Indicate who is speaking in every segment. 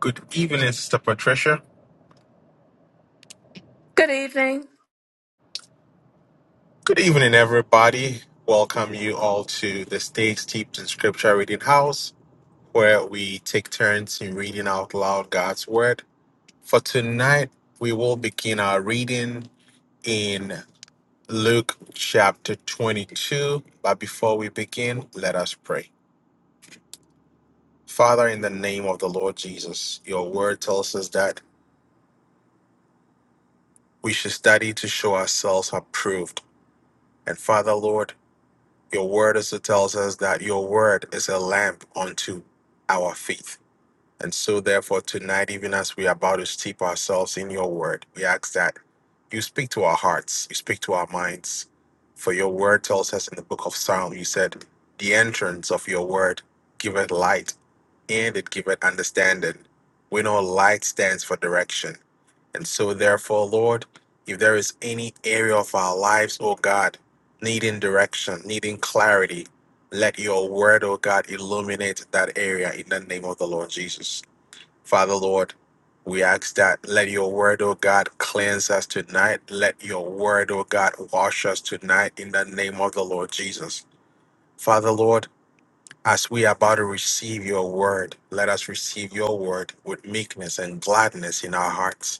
Speaker 1: Good evening, Sister Patricia.
Speaker 2: Good evening.
Speaker 1: Good evening, everybody. Welcome you all to the Stay Steeped in Scripture Reading House, where we take turns in reading out loud God's Word. For tonight, we will begin our reading in Luke chapter 22. But before we begin, let us pray. Father, in the name of the Lord Jesus, your word tells us that we should study to show ourselves approved. And Father, Lord, Your word also tells us that your word is a lamp unto our feet. And so, therefore, tonight, even as we are about to steep ourselves in your word, we ask that you speak to our hearts, you speak to our minds. For your word tells us in the book of Psalm, you said, The entrance of your word giveth light and it giveth understanding. We know light stands for direction and so, therefore, Lord, if there is any area of our lives, oh God, needing direction, needing clarity, let your word, oh God, illuminate that area in the name of the Lord Jesus. Father, Lord, we ask that let your word, oh God, cleanse us tonight. Let your word, oh God, wash us tonight in the name of the Lord Jesus. Father, Lord, as we are about to receive your word, let us receive your word with meekness and gladness in our hearts.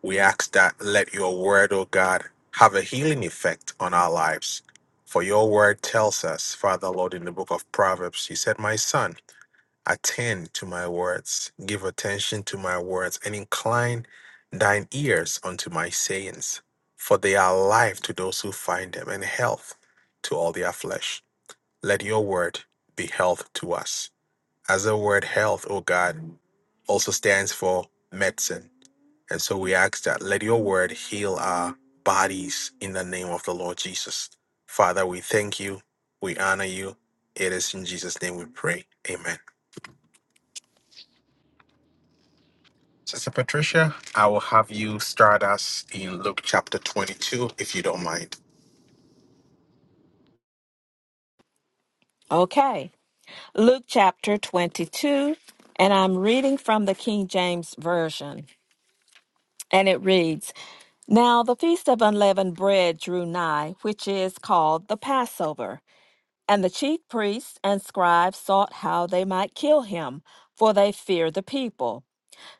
Speaker 1: We ask that let your word, O God, have a healing effect on our lives. For your word tells us, Father Lord, in the book of Proverbs, you said, My son, attend to my words, give attention to my words, and incline thine ears unto my sayings. For they are life to those who find them, and health to all their flesh. Let your word be health to us. As the word health, O God, also stands for medicine. And so we ask that let your word heal our bodies in the name of the Lord Jesus. Father, we thank you. We honor you. It is in Jesus' name we pray. Amen. Sister Patricia, I will have you start us in Luke chapter 22, if you don't mind.
Speaker 2: Okay. Luke chapter 22, and I'm reading from the King James Version. And it reads Now the feast of unleavened bread drew nigh, which is called the Passover. And the chief priests and scribes sought how they might kill him, for they feared the people.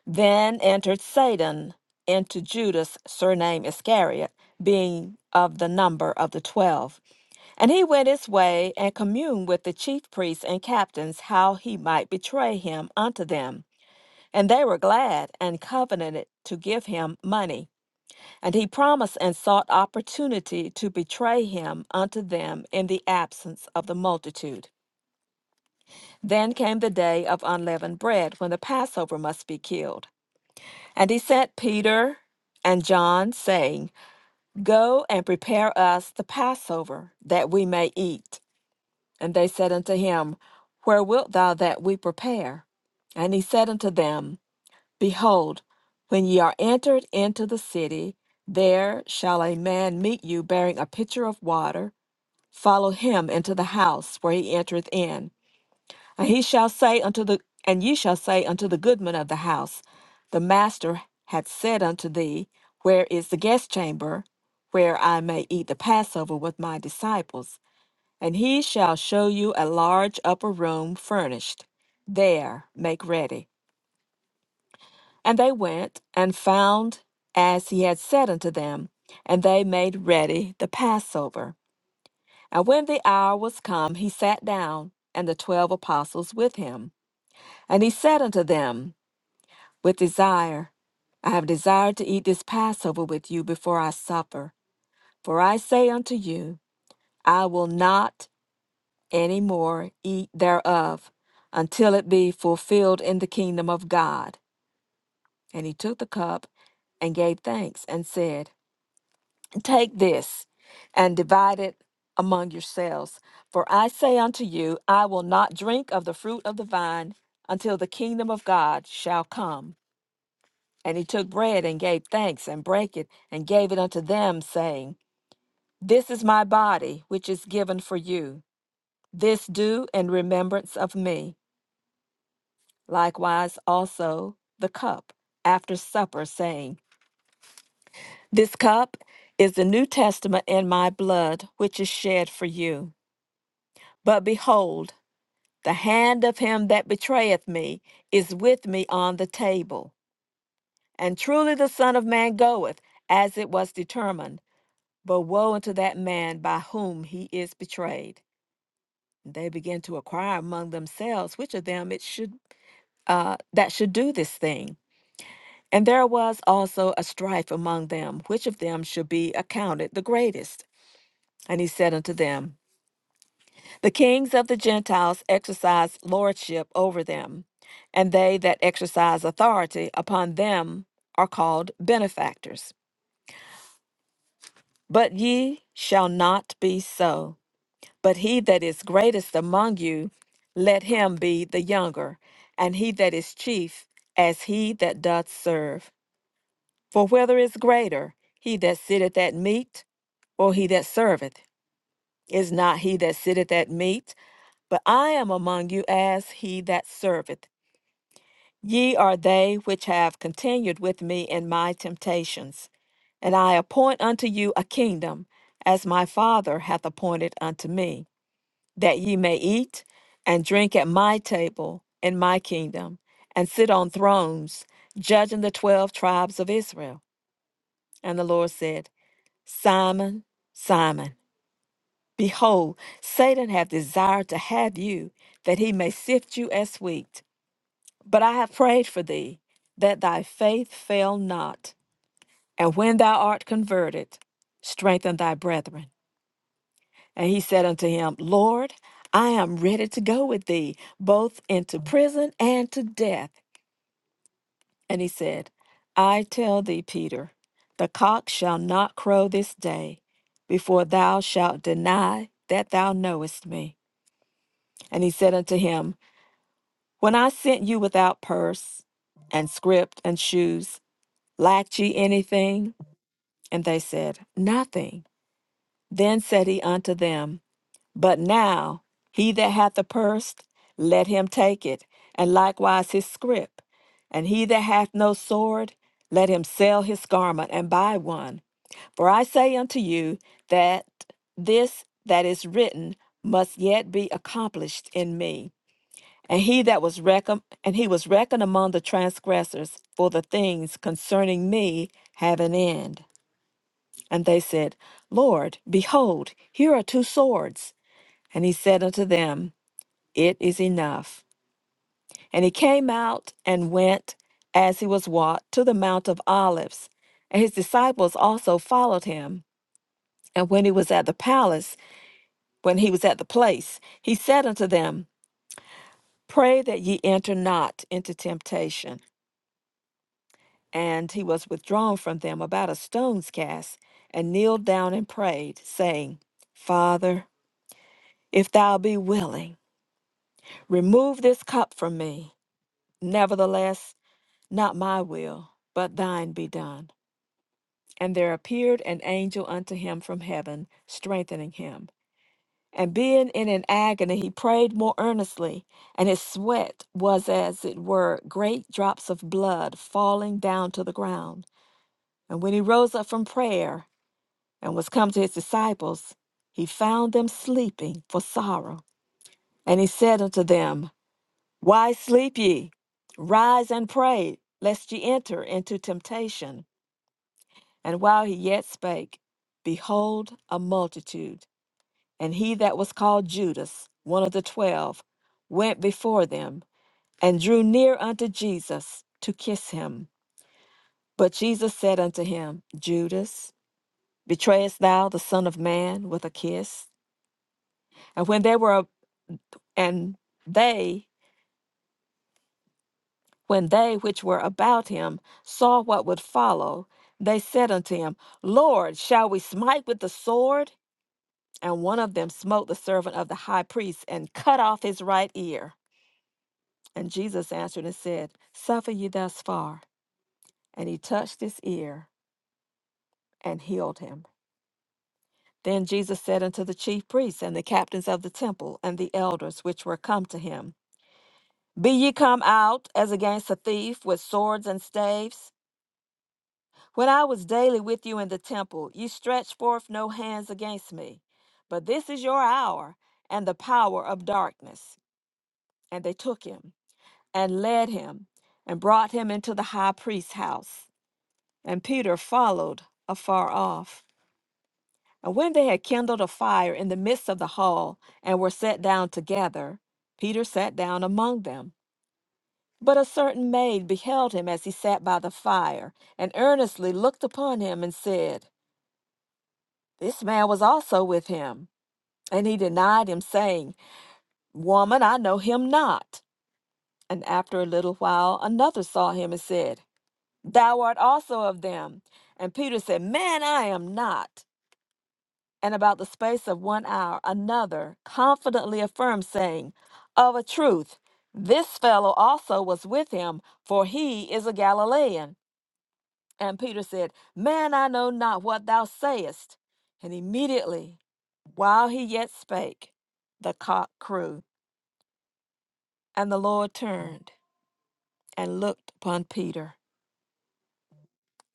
Speaker 2: Then entered Satan into Judas, surnamed Iscariot, being of the number of the twelve. And he went his way and communed with the chief priests and captains how he might betray him unto them. And they were glad and covenanted to give him money. And he promised and sought opportunity to betray him unto them in the absence of the multitude. Then came the day of unleavened bread, when the Passover must be killed. And he sent Peter and John, saying, Go and prepare us the Passover, that we may eat. And they said unto him, Where wilt thou that we prepare? And he said unto them, Behold, when ye are entered into the city, there shall a man meet you bearing a pitcher of water. Follow him into the house where he entereth in. And he shall say unto the and ye shall say unto the goodman of the house, The master hath said unto thee, Where is the guest chamber, where I may eat the Passover with my disciples? And he shall show you a large upper room furnished. There make ready. And they went and found as he had said unto them, and they made ready the Passover. And when the hour was come, he sat down, and the twelve apostles with him. And he said unto them, With desire, I have desired to eat this Passover with you before I suffer. For I say unto you, I will not any more eat thereof until it be fulfilled in the kingdom of God. And he took the cup and gave thanks and said, Take this and divide it among yourselves. For I say unto you, I will not drink of the fruit of the vine until the kingdom of God shall come. And he took bread and gave thanks and brake it and gave it unto them, saying, This is my body, which is given for you. This do in remembrance of me. Likewise, also the cup after supper, saying, This cup is the New Testament in my blood, which is shed for you. But behold, the hand of him that betrayeth me is with me on the table. And truly the Son of Man goeth, as it was determined. But woe unto that man by whom he is betrayed. They began to inquire among themselves which of them it should uh, that should do this thing. And there was also a strife among them, which of them should be accounted the greatest. And he said unto them, The kings of the Gentiles exercise lordship over them, and they that exercise authority upon them are called benefactors. But ye shall not be so. But he that is greatest among you, let him be the younger, and he that is chief, as he that doth serve. For whether is greater, he that sitteth at meat or he that serveth? Is not he that sitteth at meat? But I am among you as he that serveth. Ye are they which have continued with me in my temptations. And I appoint unto you a kingdom, as my Father hath appointed unto me, that ye may eat and drink at my table in my kingdom, and sit on thrones, judging the twelve tribes of Israel. And the Lord said, Simon, Simon, behold, Satan hath desired to have you, that he may sift you as wheat. But I have prayed for thee, that thy faith fail not. And when thou art converted, strengthen thy brethren. And he said unto him, Lord, I am ready to go with thee, both into prison and to death. And he said, I tell thee, Peter, the cock shall not crow this day before thou shalt deny that thou knowest me. And he said unto him, When I sent you without purse and scrip and shoes, lacked ye anything? And they said, Nothing. Then said he unto them, But now he that hath a purse, let him take it, and likewise his scrip. And he that hath no sword, let him sell his garment and buy one. For I say unto you that this that is written must yet be accomplished in me. And he that was reckoned, and he was reckoned among the transgressors, for the things concerning me have an end. And they said, Lord, behold, here are two swords. And he said unto them, It is enough. And he came out and went, as he was wont, to the Mount of Olives. And his disciples also followed him. And when he was at the palace, when he was at the place, he said unto them, Pray that ye enter not into temptation. And he was withdrawn from them about a stone's cast, and kneeled down and prayed, saying, Father, if thou be willing, Remove this cup from me. Nevertheless, not my will, but thine be done. And there appeared an angel unto him from heaven, strengthening him. And being in an agony, he prayed more earnestly, and his sweat was as it were great drops of blood falling down to the ground. And when he rose up from prayer and was come to his disciples, he found them sleeping for sorrow. And he said unto them, Why sleep ye? Rise and pray, lest ye enter into temptation. And while he yet spake, behold, a multitude. And he that was called Judas, one of the twelve, went before them, and drew near unto Jesus to kiss him. But Jesus said unto him, Judas, betrayest thou the Son of Man with a kiss? And when they were, and they When they which were about him saw what would follow, they said unto him, Lord, shall we smite with the sword? And one of them smote the servant of the high priest and cut off his right ear. And Jesus answered and said, Suffer ye thus far. And he touched his ear and healed him. Then Jesus said unto the chief priests and the captains of the temple and the elders which were come to him, Be ye come out as against a thief with swords and staves? When I was daily with you in the temple, you stretched forth no hands against me. But this is your hour and the power of darkness. And they took him and led him and brought him into the high priest's house. And Peter followed afar off. And when they had kindled a fire in the midst of the hall and were set down together, Peter sat down among them. But a certain maid beheld him as he sat by the fire, and earnestly looked upon him and said, This man was also with him, and he denied him, saying, Woman, I know him not. And after a little while, another saw him and said, Thou art also of them. And Peter said, Man, I am not. And about the space of one hour, another confidently affirmed, saying, Of a truth, this fellow also was with him, for he is a Galilean. And Peter said, Man, I know not what thou sayest. And immediately, while he yet spake, the cock crew. And the Lord turned and looked upon Peter.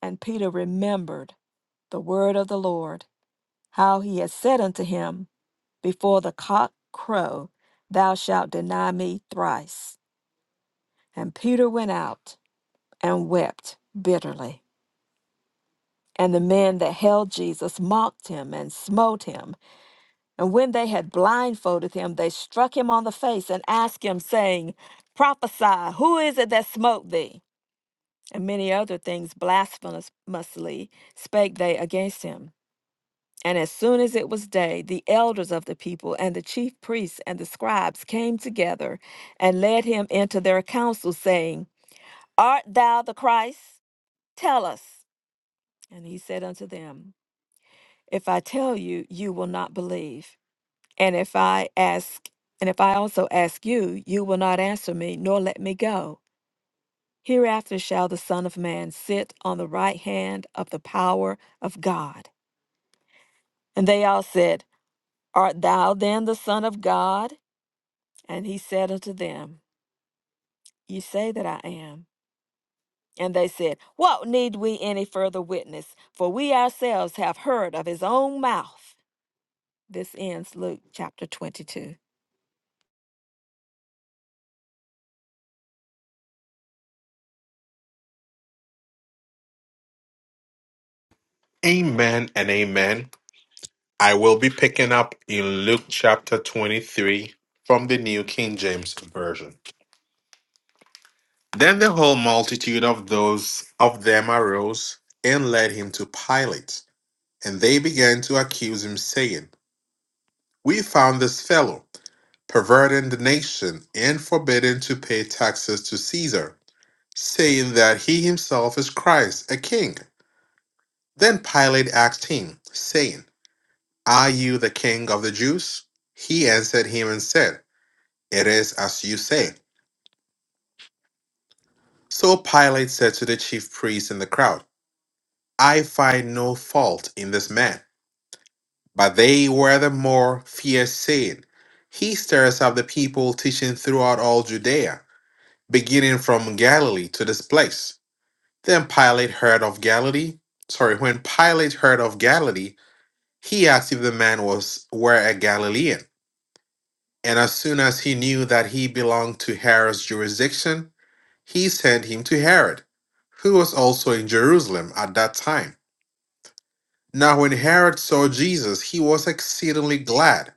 Speaker 2: And Peter remembered the word of the Lord, how he had said unto him, Before the cock crow, thou shalt deny me thrice. And Peter went out and wept bitterly. And the men that held Jesus mocked him and smote him And when they had blindfolded him, they struck him on the face and asked him, saying, Prophesy, who is it that smote thee? And many other things blasphemously spake they against him. And as soon as it was day, the elders of the people and the chief priests and the scribes came together and led him into their council, saying, Art thou the Christ? Tell us. And he said unto them, If I tell you, you will not believe. And if I ask, and if I also ask you, you will not answer me, nor let me go. Hereafter shall the Son of Man sit on the right hand of the power of God. And they all said, Art thou then the Son of God? And he said unto them, Ye say that I am. And they said, What need we any further witness? For we ourselves have heard of his own mouth. This ends Luke chapter 22.
Speaker 1: Amen and amen. I will be picking up in Luke chapter 23 from the New King James Version. Then the whole multitude of those of them arose and led him to Pilate. And they began to accuse him, saying, We found this fellow perverting the nation and forbidding to pay taxes to Caesar, saying that he himself is Christ, a king. Then Pilate asked him, saying, Are you the king of the Jews? He answered him and said, It is as you say. So Pilate said to the chief priests and the crowd, I find no fault in this man. But they were the more fierce, saying, He stirs up the people, teaching throughout all Judea, beginning from Galilee to this place. Then Pilate heard of Galilee. Sorry, when Pilate heard of Galilee, he asked if the man was were a Galilean. And as soon as he knew that he belonged to Herod's jurisdiction, he sent him to Herod, who was also in Jerusalem at that time. Now when Herod saw Jesus, he was exceedingly glad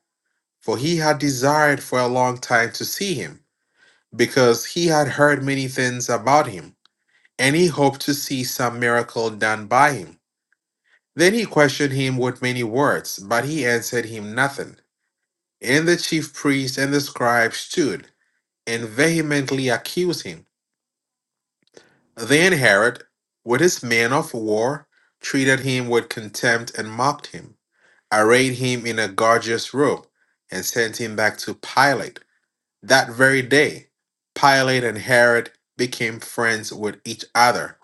Speaker 1: for he had desired for a long time to see him, because he had heard many things about him, and he hoped to see some miracle done by him. Then he questioned him with many words, but he answered him nothing. And the chief priests and the scribes stood and vehemently accused him. Then Herod, with his men of war, treated him with contempt and mocked him, arrayed him in a gorgeous robe, and sent him back to Pilate. That very day, Pilate and Herod became friends with each other,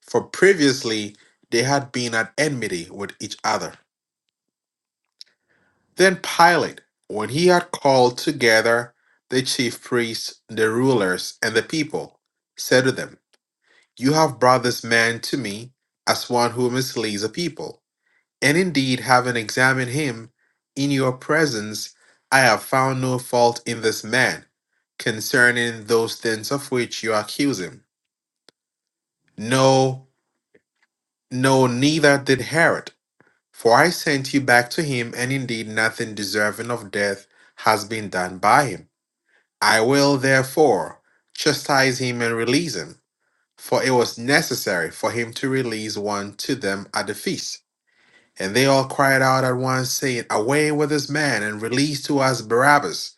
Speaker 1: for previously they had been at enmity with each other. Then Pilate, when he had called together the chief priests, the rulers, and the people, said to them, You have brought this man to me as one who misleads the people. And indeed, having examined him in your presence, I have found no fault in this man concerning those things of which you accuse him. No, no, neither did Herod. For I sent you back to him, and indeed nothing deserving of death has been done by him. I will therefore chastise him and release him, for it was necessary for him to release one to them at the feast. And they all cried out at once, saying, Away with this man, and release to us Barabbas,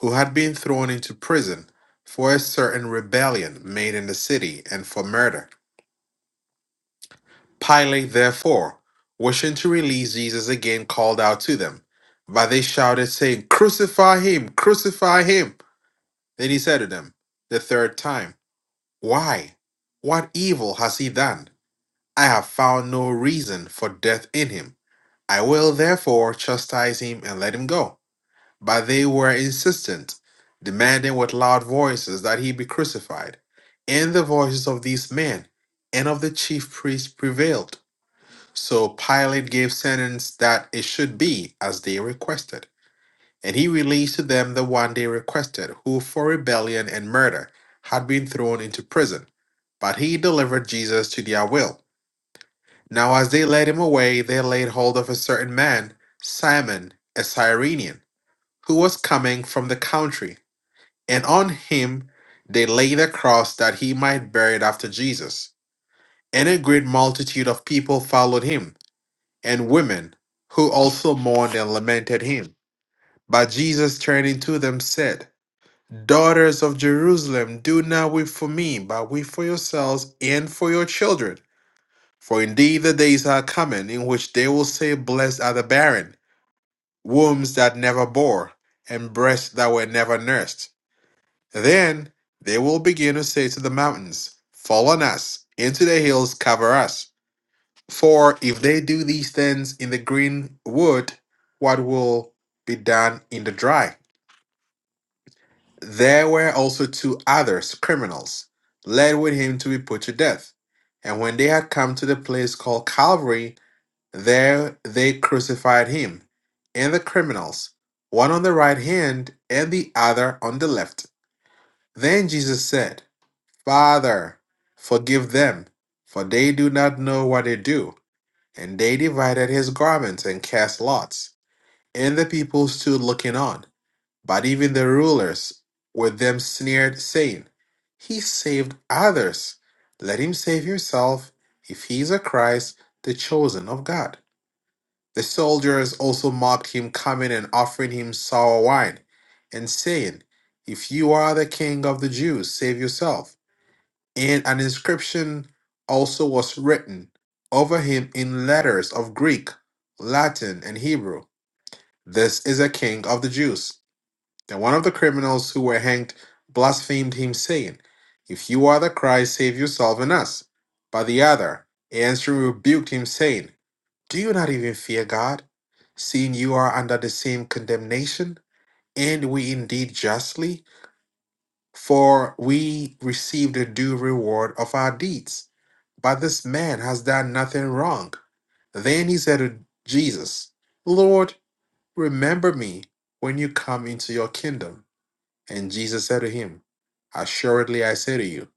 Speaker 1: who had been thrown into prison for a certain rebellion made in the city and for murder. Pilate, therefore, wishing to release Jesus again, called out to them. But they shouted, saying, Crucify him! Crucify him! Then he said to them the third time, Why? What evil has he done? I have found no reason for death in him. I will therefore chastise him and let him go But they were insistent, demanding with loud voices that he be crucified. And the voices of these men and of the chief priests prevailed. So Pilate gave sentence that it should be as they requested. And he released to them the one they requested, who for rebellion and murder had been thrown into prison. But he delivered Jesus to their will. Now, as they led him away, they laid hold of a certain man, Simon, a Cyrenian, who was coming from the country and on him they laid a cross that he might bear it after Jesus. And a great multitude of people followed him, and women, who also mourned and lamented him. But Jesus turning to them said, Daughters of Jerusalem, do not weep for me, but weep for yourselves and for your children. For indeed the days are coming in which they will say, Blessed are the barren, wombs that never bore, and breasts that were never nursed. Then they will begin to say to the mountains, Fall on us, and to the hills, cover us. For if they do these things in the green wood, what will be done in the dry? There were also two others, criminals, led with him to be put to death. And when they had come to the place called Calvary, there they crucified him and the criminals, one on the right hand and the other on the left. Then Jesus said, Father, forgive them, for they do not know what they do. And they divided his garments and cast lots. And the people stood looking on. But even the rulers with them sneered, saying, He saved others. Let him save himself, if he is a Christ, the chosen of God. The soldiers also mocked him, coming and offering him sour wine, and saying, If you are the king of the Jews, save yourself and an inscription also was written over him in letters of Greek, Latin, and Hebrew. This is a king of the Jews. Then one of the criminals who were hanged blasphemed him, saying, If you are the Christ, save yourself and us. But the other, answering, rebuked him, saying, Do you not even fear God, seeing you are under the same condemnation? And we indeed justly, for we receive the due reward of our deeds. But this man has done nothing wrong. Then he said to Jesus, Lord, remember me when you come into your kingdom. And Jesus said to him, Assuredly I say to you,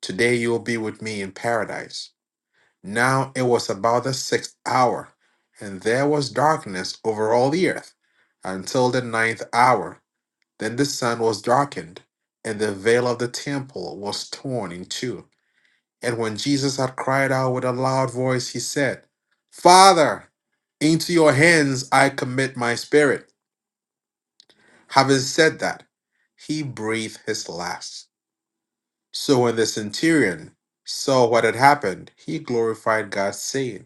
Speaker 1: today you will be with me in paradise. Now it was about the sixth hour, and there was darkness over all the earth until the ninth hour. Then the sun was darkened, and the veil of the temple was torn in two. And when Jesus had cried out with a loud voice, he said, Father, into your hands I commit my spirit. Having said that, he breathed his last. So when the centurion saw what had happened, he glorified God, saying,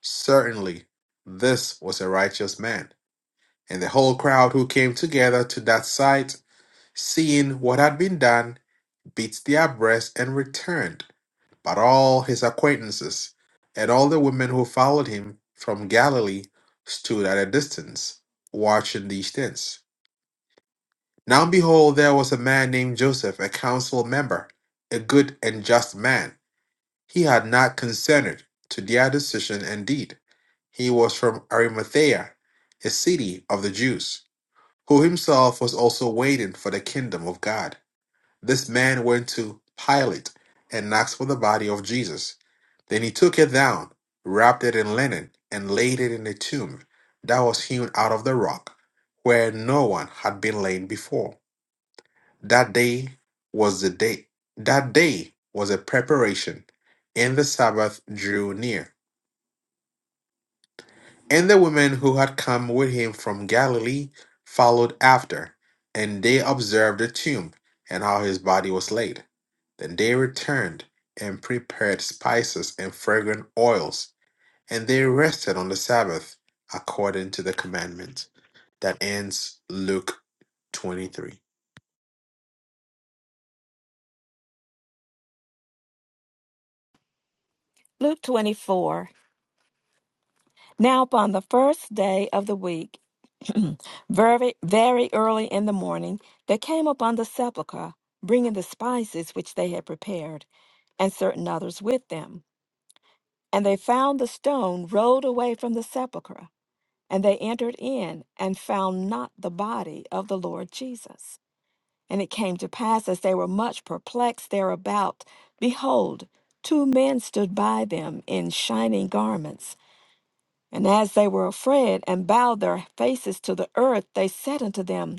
Speaker 1: Certainly, this was a righteous man. And the whole crowd who came together to that sight, seeing what had been done, beats their breasts and returned. But all his acquaintances and all the women who followed him from Galilee stood at a distance, watching these things. Now behold, there was a man named Joseph, a council member, a good and just man. He had not consented to their decision and deed. He was from Arimathea, a city of the Jews, who himself was also waiting for the kingdom of God. This man went to Pilate and asked for the body of Jesus. Then he took it down, wrapped it in linen, and laid it in a tomb that was hewn out of the rock, where no one had been laid before. That day was the day that day was a preparation, and the Sabbath drew near. And the women who had come with him from Galilee followed after, and they observed the tomb and how his body was laid. Then they returned and prepared spices and fragrant oils, and they rested on the Sabbath according to the commandment. That ends Luke 23.
Speaker 2: Luke 24. Now, upon the first day of the week, Very, very early in the morning, they came upon the sepulchre, bringing the spices which they had prepared, and certain others with them. And they found the stone rolled away from the sepulchre. And they entered in, and found not the body of the Lord Jesus. And it came to pass, as they were much perplexed thereabout, behold, two men stood by them in shining garments. And as they were afraid, and bowed their faces to the earth, they said unto them,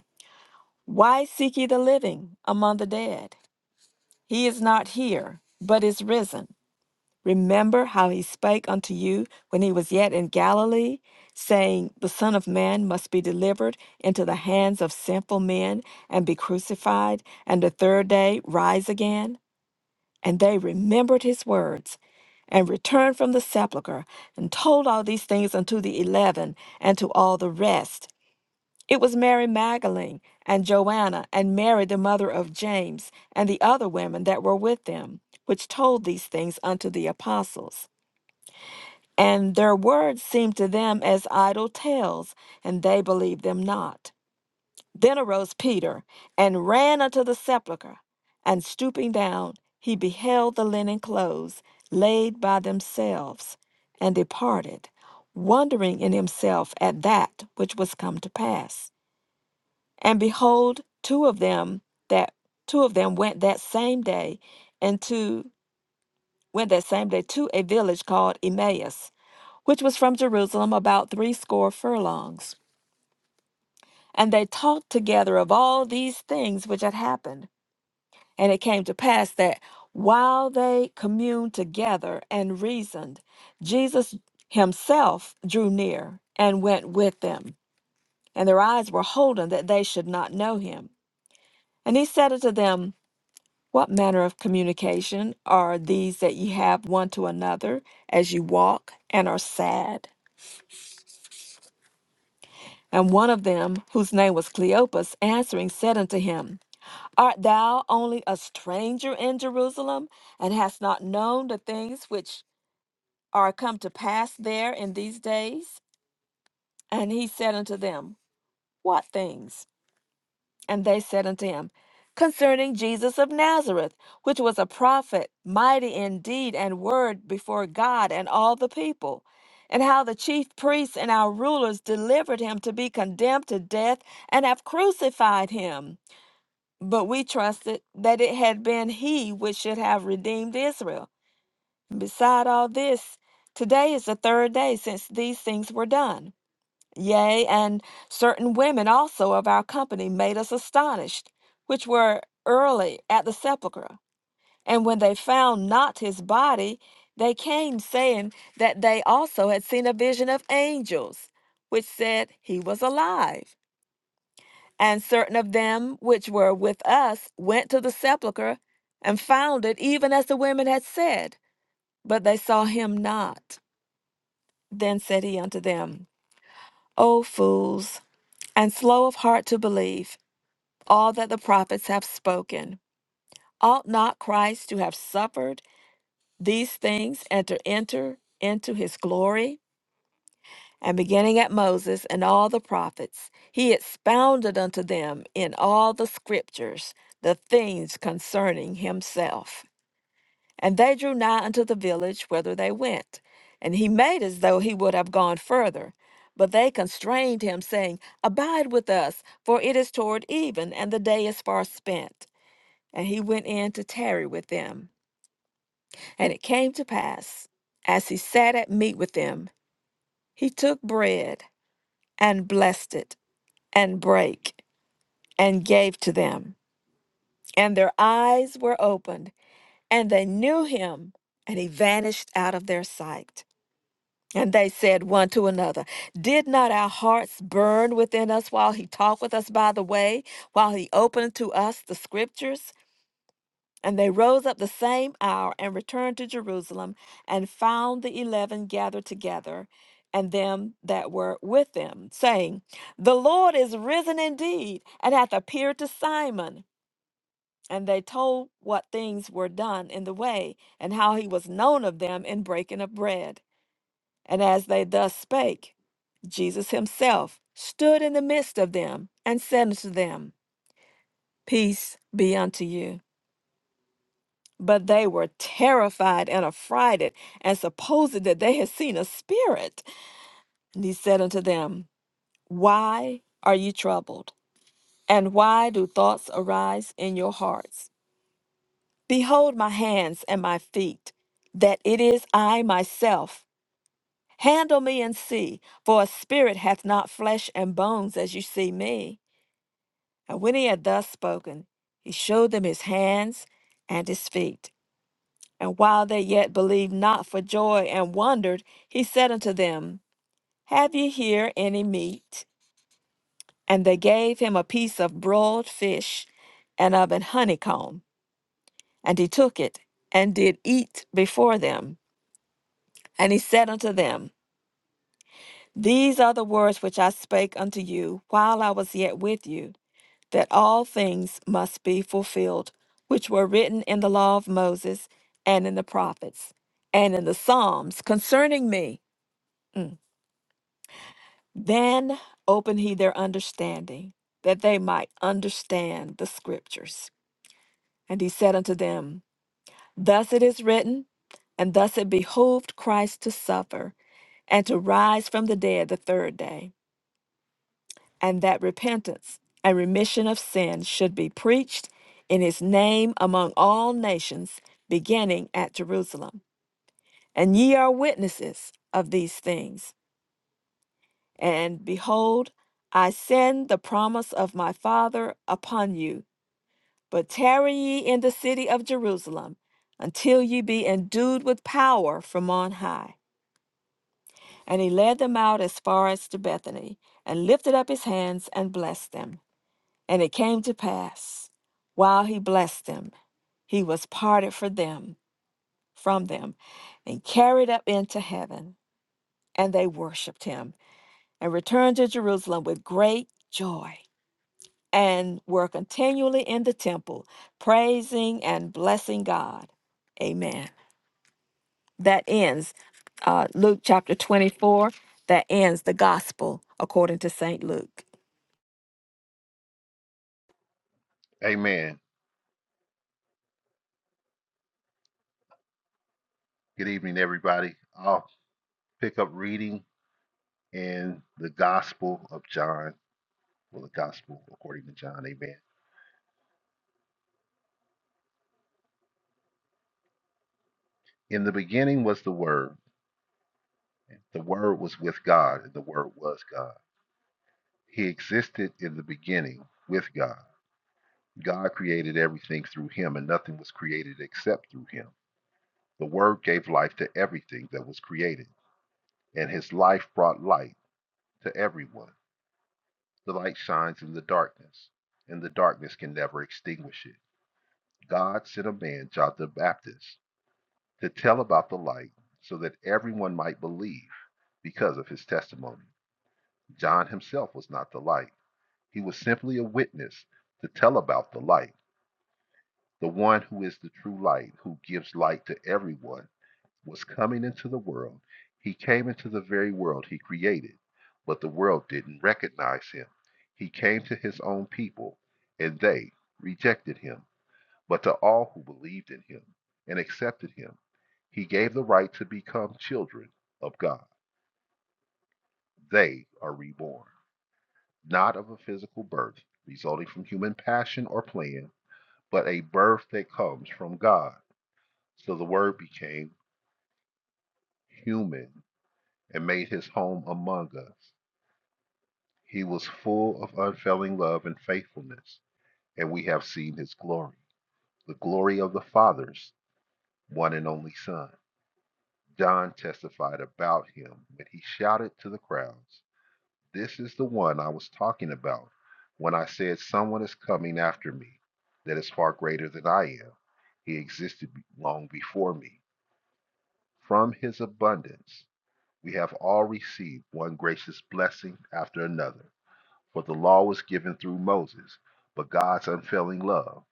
Speaker 2: why seek ye the living among the dead? He is not here, but is risen. Remember how he spake unto you when he was yet in Galilee, saying, The Son of Man must be delivered into the hands of sinful men, and be crucified, and the third day rise again. And they remembered his words, and returned from the sepulchre, and told all these things unto the eleven and to all the rest. It was Mary Magdalene and Joanna and Mary, the mother of James, and the other women that were with them, which told these things unto the apostles. And their words seemed to them as idle tales, and they believed them not. Then arose Peter and ran unto the sepulchre, and stooping down, he beheld the linen clothes laid by themselves, and departed, wondering in himself at that which was come to pass. And behold, two of them that two of them went that same day into went that same day to a village called Emmaus, which was from Jerusalem about threescore furlongs. And they talked together of all these things which had happened. And it came to pass that while they communed together and reasoned, Jesus himself drew near and went with them. And their eyes were holden that they should not know him. And he said unto them, What manner of communication are these that ye have one to another as you walk and are sad? And one of them, whose name was Cleopas, answering, said unto him, Art thou only a stranger in Jerusalem, and hast not known the things which are come to pass there in these days? And he said unto them, What things? And they said unto him, Concerning Jesus of Nazareth, which was a prophet, mighty in deed and word before God and all the people, and how the chief priests and our rulers delivered him to be condemned to death and have crucified him. But we trusted that it had been he which should have redeemed Israel. Beside all this, today is the third day since these things were done. Yea, and certain women also of our company made us astonished, which were early at the sepulchre. And when they found not his body, they came, saying that they also had seen a vision of angels, which said he was alive. And certain of them which were with us went to the sepulchre and found it even as the women had said, but they saw him not. Then said he unto them, O fools, and slow of heart to believe all that the prophets have spoken. Ought not Christ to have suffered these things and to enter into his glory? And beginning at Moses and all the prophets, he expounded unto them in all the scriptures the things concerning himself. And they drew nigh unto the village whither they went. And he made as though he would have gone further. But they constrained him, saying, Abide with us, for it is toward even, and the day is far spent. And he went in to tarry with them. And it came to pass, as he sat at meat with them, he took bread and blessed it and brake and gave to them. And their eyes were opened, and they knew him, and he vanished out of their sight. And they said one to another, Did not our hearts burn within us while he talked with us by the way, while he opened to us the scriptures? And they rose up the same hour and returned to Jerusalem and found the eleven gathered together and them that were with them, saying, The Lord is risen indeed and hath appeared to Simon. And they told what things were done in the way and how he was known of them in breaking of bread. And as they thus spake, Jesus himself stood in the midst of them and said unto them, Peace be unto you. But they were terrified and affrighted, and supposed that they had seen a spirit. And he said unto them, Why are ye troubled? And why do thoughts arise in your hearts? Behold my hands and my feet, that it is I myself. Handle me and see, for a spirit hath not flesh and bones as you see me. And when he had thus spoken, he showed them his hands and his feet. And while they yet believed not for joy and wondered, he said unto them, Have ye here any meat? And they gave him a piece of broiled fish and of an honeycomb. And he took it and did eat before them. And he said unto them, These are the words which I spake unto you while I was yet with you, that all things must be fulfilled, which were written in the law of Moses and in the prophets and in the Psalms concerning me. Mm. Then opened he their understanding, that they might understand the scriptures. And he said unto them, Thus it is written, and thus it behooved Christ to suffer, and to rise from the dead the third day, and that repentance and remission of sins should be preached in his name among all nations, beginning at Jerusalem. And ye are witnesses of these things. And behold, I send the promise of my Father upon you. But tarry ye in the city of Jerusalem until ye be endued with power from on high. And he led them out as far as to Bethany, and lifted up his hands and blessed them. And it came to pass, while he blessed them, he was parted for them from them and carried up into heaven and they worshiped him and returned to jerusalem with great joy and were continually in the temple, praising and blessing God. Amen. That ends uh, Luke chapter 24. That ends the gospel according to St. Luke.
Speaker 3: Amen. Good evening, everybody. I'll pick up reading in the Gospel of John, well, the Gospel according to John. Amen. In the beginning was the Word. and The Word was with God, and the Word was God. He existed in the beginning with God. God created everything through him, and nothing was created except through him. The Word gave life to everything that was created, and his life brought light to everyone. The light shines in the darkness, and the darkness can never extinguish it. God sent a man, John the Baptist, to tell about the light so that everyone might believe because of his testimony. John himself was not the light, he was simply a witness to tell about the light. The one who is the true light, who gives light to everyone, was coming into the world. He came into the very world he created, but the world didn't recognize him. He came to his own people, and they rejected him. But to all who believed in him and accepted him, he gave the right to become children of God. They are reborn, not of a physical birth resulting from human passion or plan, but a birth that comes from God. So the Word became human and made his home among us. He was full of unfailing love and faithfulness, and we have seen his glory, the glory of the Father's one and only Son. John testified about him when he shouted to the crowds, This is the one I was talking about when I said, Someone is coming after me that is far greater than I am. He existed long before me. From his abundance, we have all received one gracious blessing after another. For the law was given through Moses, but God's unfailing love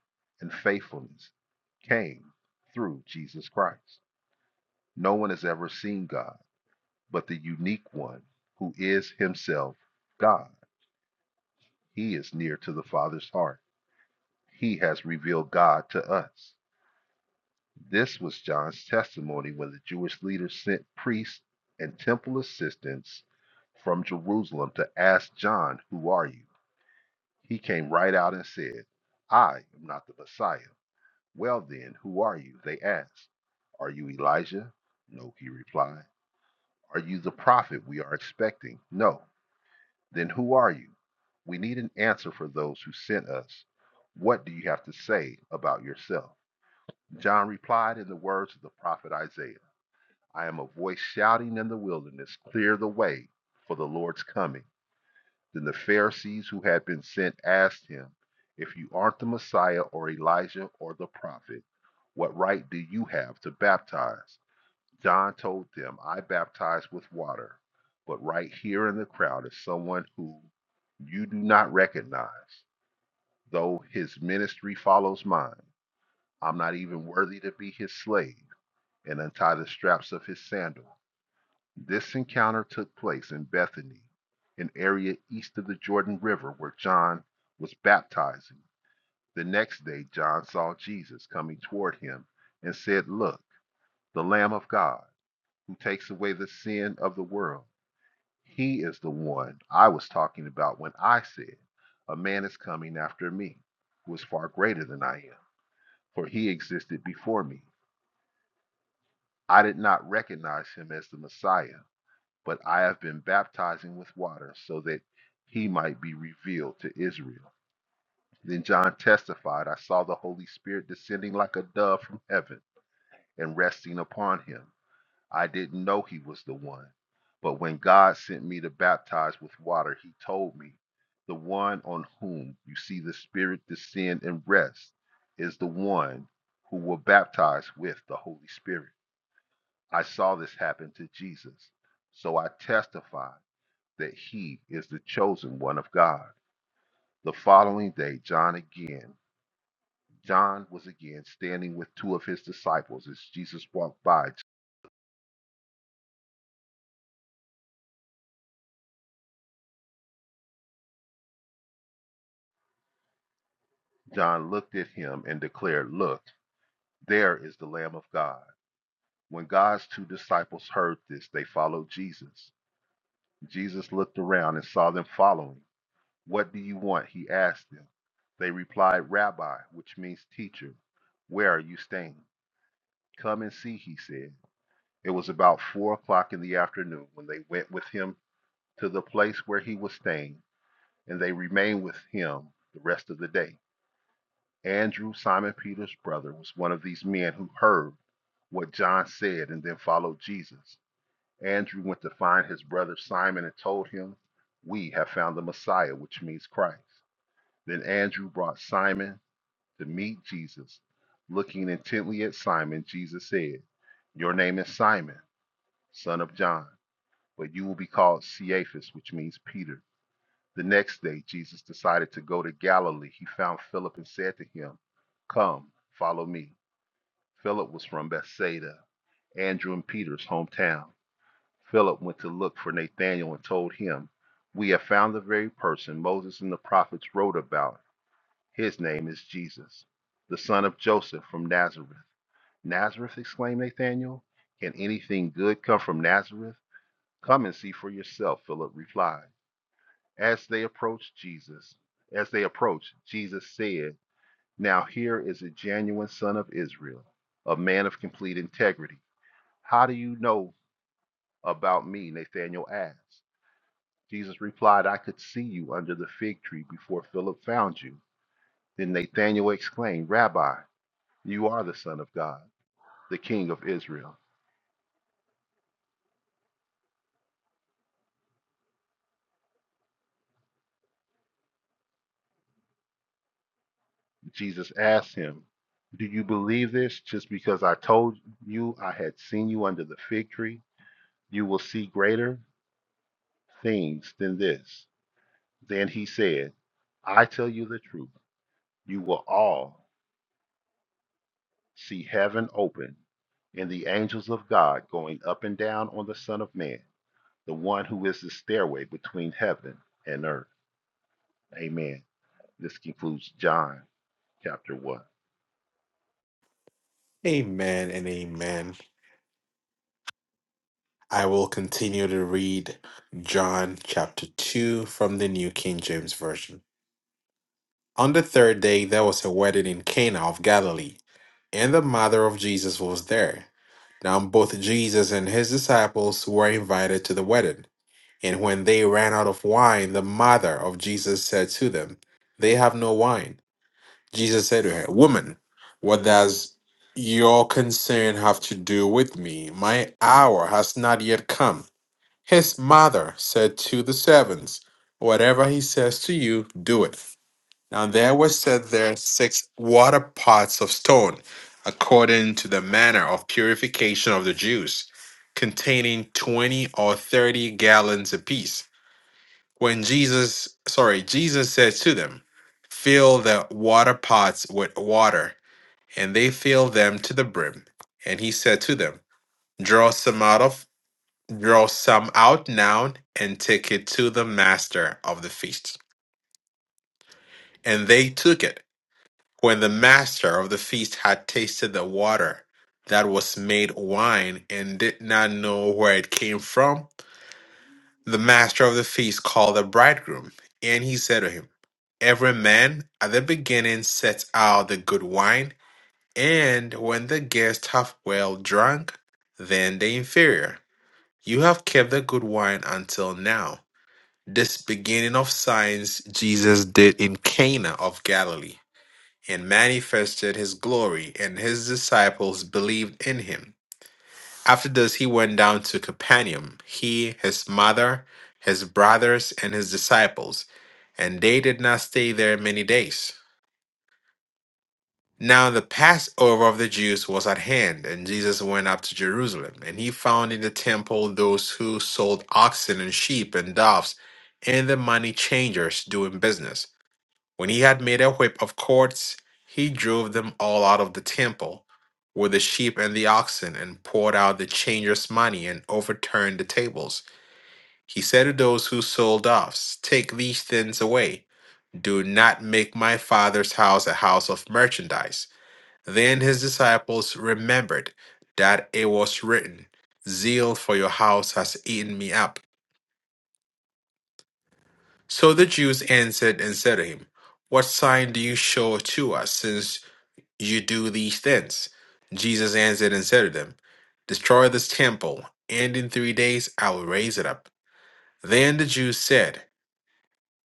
Speaker 3: and faithfulness came through Jesus Christ. No one has ever seen God but the unique one who is himself God. He is near to the Father's heart. He has revealed God to us. This was John's testimony when the Jewish leaders sent priests and temple assistants from Jerusalem to ask John, Who are you? He came right out and said, I am not the Messiah. Well, then, who are you? They asked. Are you Elijah? No, he replied. Are you the prophet we are expecting? No. Then who are you? We need an answer for those who sent us. What do you have to say about yourself? John replied in the words of the prophet Isaiah I am a voice shouting in the wilderness, clear the way for the Lord's coming. Then the Pharisees who had been sent asked him, If you aren't the Messiah or Elijah or the prophet, what right do you have to baptize? John told them, I baptize with water, but right here in the crowd is someone who you do not recognize, though his ministry follows mine. I'm not even worthy to be his slave and untie the straps of his sandal. This encounter took place in Bethany, an area east of the Jordan River where John was baptizing. The next day, John saw Jesus coming toward him and said, Look, the Lamb of God who takes away the sin of the world. He is the one I was talking about when I said, A man is coming after me, who is far greater than I am, for he existed before me. I did not recognize him as the Messiah, but I have been baptizing with water so that he might be revealed to Israel. Then John testified, I saw the Holy Spirit descending like a dove from heaven and resting upon him. I didn't know he was the one. But when God sent me to baptize with water, he told me, The one on whom you see the Spirit descend and rest is the one who will baptize with the Holy Spirit. I saw this happen to Jesus, so I testify that he is the chosen one of God. The following day, John again, John was again standing with two of his disciples as Jesus walked by. John looked at him and declared, Look, There is the Lamb of God. When God's two disciples heard this, they followed Jesus. Jesus looked around and saw them following. What do you want? He asked them. They replied, Rabbi, which means teacher, where are you staying? Come and see, he said. It was about four o'clock in the afternoon when they went with him to the place where he was staying, and they remained with him the rest of the day. Andrew, Simon Peter's brother, was one of these men who heard what John said and then followed Jesus. Andrew went to find his brother Simon and told him, We have found the Messiah, which means Christ. Then Andrew brought Simon to meet Jesus. Looking intently at Simon, Jesus said, Your name is Simon, son of John, but you will be called Cephas, which means Peter. The next day, Jesus decided to go to Galilee. He found Philip and said to him, Come, follow me. Philip was from Bethsaida, Andrew and Peter's hometown. Philip went to look for Nathanael and told him, We have found the very person Moses and the prophets wrote about. His name is Jesus, the son of Joseph from Nazareth. Nazareth, exclaimed Nathanael. Can anything good come from Nazareth? Come and see for yourself, Philip replied. As they approached Jesus, as they approached, Jesus said, Now here is a genuine son of Israel, a man of complete integrity. How do you know about me? Nathanael asked. Jesus replied, I could see you under the fig tree before Philip found you. Then Nathanael exclaimed, Rabbi, you are the Son of God, the King of Israel. Jesus asked him, Do you believe this just because I told you I had seen you under the fig tree? You will see greater things than this. Then he said, I tell you the truth, you will all see heaven open and the angels of God going up and down on the Son of Man. the one who is the stairway between heaven and earth. Amen. This concludes John chapter 1.
Speaker 1: Amen and amen. I will continue to read John chapter 2 from the New King James Version. On the third day, there was a wedding in Cana of Galilee, and the mother of Jesus was there. Now, both Jesus and his disciples were invited to the wedding. And when they ran out of wine, the mother of Jesus said to them, They have no wine. Jesus said to her, Woman, what does your concern have to do with me? My hour has not yet come. His mother said to the servants, Whatever he says to you, do it. Now there were set there six water pots of stone, according to the manner of purification of the Jews, containing 20 or 30 gallons apiece. When Jesus, sorry, Jesus said to them, Fill the water pots with water, and they filled them to the brim. And he said to them, Draw some out of draw some out now and take it to the master of the feast. And they took it. When the master of the feast had tasted the water that was made wine and did not know where it came from, the master of the feast called the bridegroom, and he said to him, Every man at the beginning sets out the good wine, and when the guests have well drunk, then the inferior. You have kept the good wine until now. This beginning of signs Jesus did in Cana of Galilee and manifested his glory, and his disciples believed in him. After this, he went down to Capernaum, he, his mother, his brothers, and his disciples, and they did not stay there many days. Now the Passover of the Jews was at hand, and Jesus went up to Jerusalem, and he found in the temple those who sold oxen and sheep and doves, and the money changers doing business when he had made a whip of cords, he drove them all out of the temple with the sheep and the oxen, and poured out the changers' money and overturned the tables. He said to those who sold doves, Take these things away. Do not make my father's house a house of merchandise. Then his disciples remembered that it was written, Zeal for your house has eaten me up. So the Jews answered and said to him, What sign do you show to us, since You do these things. Jesus answered and said to them, Destroy this temple, and in three days I will raise it up. Then the Jews said,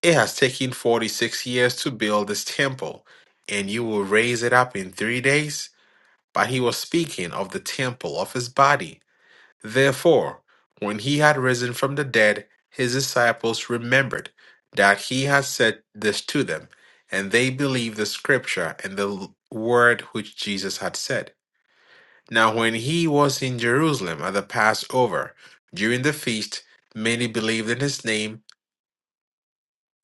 Speaker 1: It has taken forty six years to build this temple, and you will raise it up in three days? But he was speaking of the temple of his body. Therefore, when he had risen from the dead, his disciples remembered that he had said this to them, and they believed the scripture and the l- word which Jesus had said. Now, when he was in Jerusalem at the Passover, during the feast, many believed in his name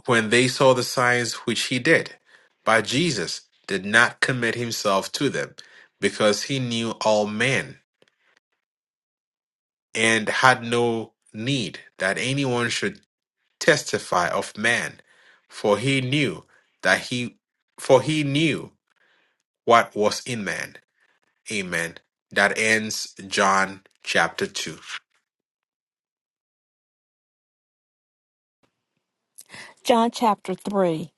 Speaker 1: when they saw the signs which he did. But Jesus did not commit himself to them, because he knew all men and had no need that anyone should testify of man, for he knew that he for he knew what was in man. Amen. That ends John chapter 2.
Speaker 2: John chapter 3.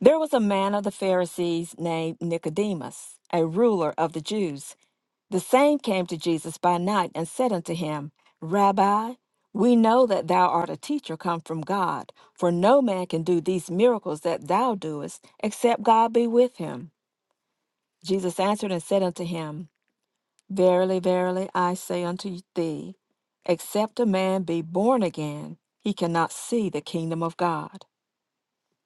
Speaker 2: There was a man of the Pharisees named Nicodemus, a ruler of the Jews. The same came to Jesus by night and said unto him, Rabbi, we know that thou art a teacher come from God, for no man can do these miracles that thou doest, except God be with him. Jesus answered and said unto him, Verily, verily, I say unto thee, except a man be born again, he cannot see the kingdom of God.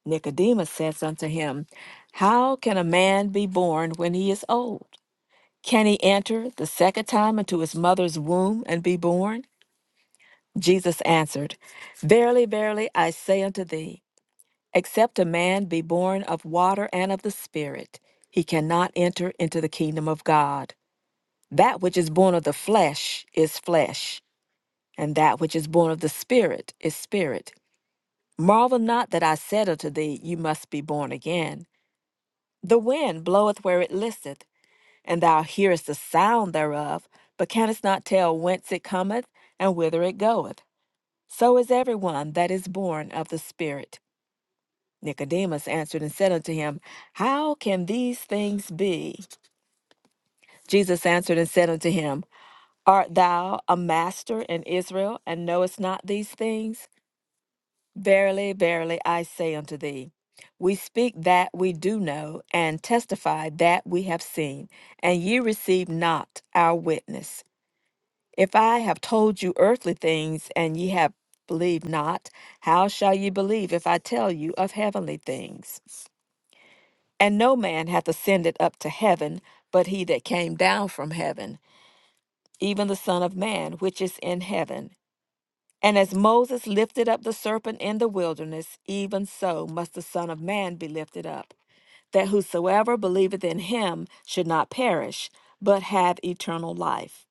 Speaker 2: Nicodemus says unto him, How can a man be born when he is old? Can he enter the second time into his mother's womb and be born? Jesus answered, Verily, verily, I say unto thee, except a man be born of water and of the Spirit, he cannot enter into the kingdom of God. That which is born of the flesh is flesh, and that which is born of the Spirit is spirit. Marvel not that I said unto thee, You must be born again. The wind bloweth where it listeth and thou hearest the sound thereof, but canst not tell whence it cometh and whither it goeth. So is every one that is born of the Spirit. Nicodemus answered and said unto him, How can these things be? Jesus answered and said unto him, Art thou a master in Israel, and knowest not these things? Verily, verily, I say unto thee, We speak that we do know, and testify that we have seen, and ye receive not our witness. If I have told you earthly things and ye have believed not, how shall ye believe if I tell you of heavenly things? And no man hath ascended up to heaven, but he that came down from heaven, even the Son of Man, which is in heaven. And as Moses lifted up the serpent in the wilderness, even so must the Son of Man be lifted up, that whosoever believeth in him should not perish, but have eternal life.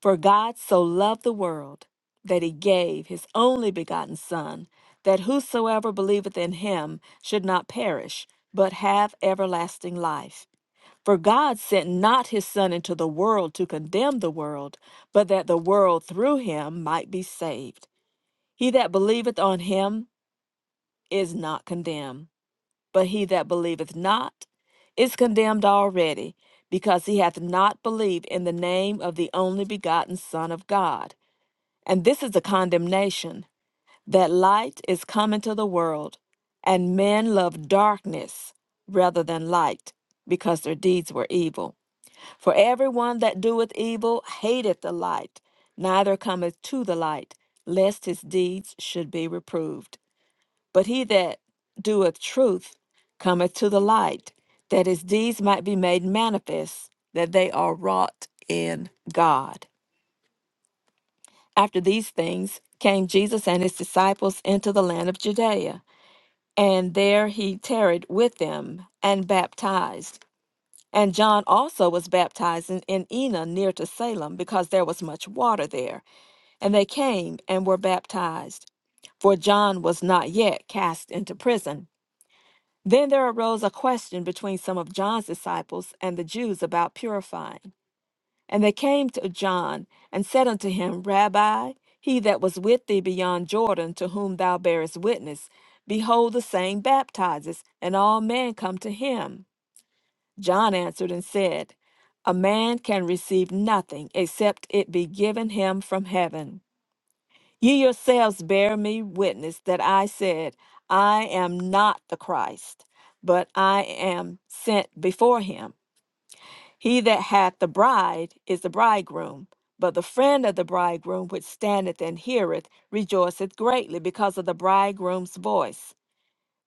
Speaker 2: For God so loved the world that he gave his only begotten Son, that whosoever believeth in him should not perish, but have everlasting life. For God sent not his Son into the world to condemn the world, but that the world through him might be saved. He that believeth on him is not condemned, but he that believeth not is condemned already, because he hath not believed in the name of the only begotten Son of God. And this is the condemnation that light is come into the world, and men love darkness rather than light, because their deeds were evil. For everyone that doeth evil hateth the light, neither cometh to the light, lest his deeds should be reproved. But he that doeth truth cometh to the light, that his deeds might be made manifest, that they are wrought in God. After these things came Jesus and his disciples into the land of Judea, and there he tarried with them and baptized. And John also was baptizing in in Enna near to Salem, because there was much water there. And they came and were baptized, for John was not yet cast into prison. Then there arose a question between some of John's disciples and the Jews about purifying. And they came to John and said unto him, Rabbi, he that was with thee beyond Jordan, to whom thou bearest witness, behold, the same baptizes, and all men come to him. John answered and said, A man can receive nothing except it be given him from heaven. Ye yourselves bear me witness that I said, I am not the Christ, but I am sent before him. He that hath the bride is the bridegroom, but the friend of the bridegroom which standeth and heareth rejoiceth greatly because of the bridegroom's voice.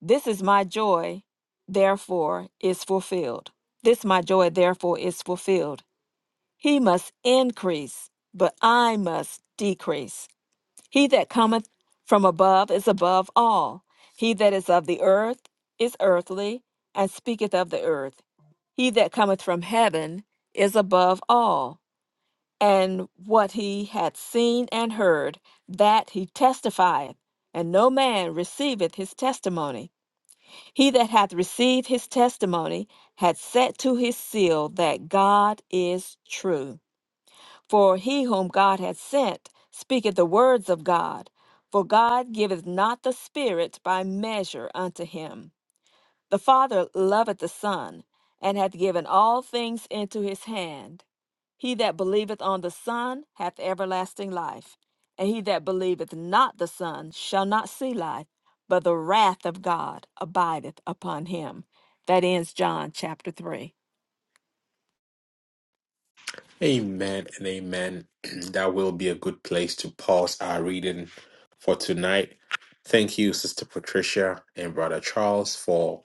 Speaker 2: This is my joy, therefore is fulfilled. This my joy, therefore is fulfilled. He must increase, but I must decrease. He that cometh from above is above all. He that is of the earth is earthly, and speaketh of the earth. He that cometh from heaven is above all. And what he hath seen and heard, that he testifieth, and no man receiveth his testimony. He that hath received his testimony hath set to his seal that God is true. For he whom God hath sent speaketh the words of God. For God giveth not the Spirit by measure unto him. The Father loveth the Son, and hath given all things into his hand. He that believeth on the Son hath everlasting life, and he that believeth not the Son shall not see life, but the wrath of God abideth upon him. That ends John chapter 3.
Speaker 1: Amen and amen. That will be a good place to pause our reading for tonight. Thank you, Sister Patricia and Brother Charles, for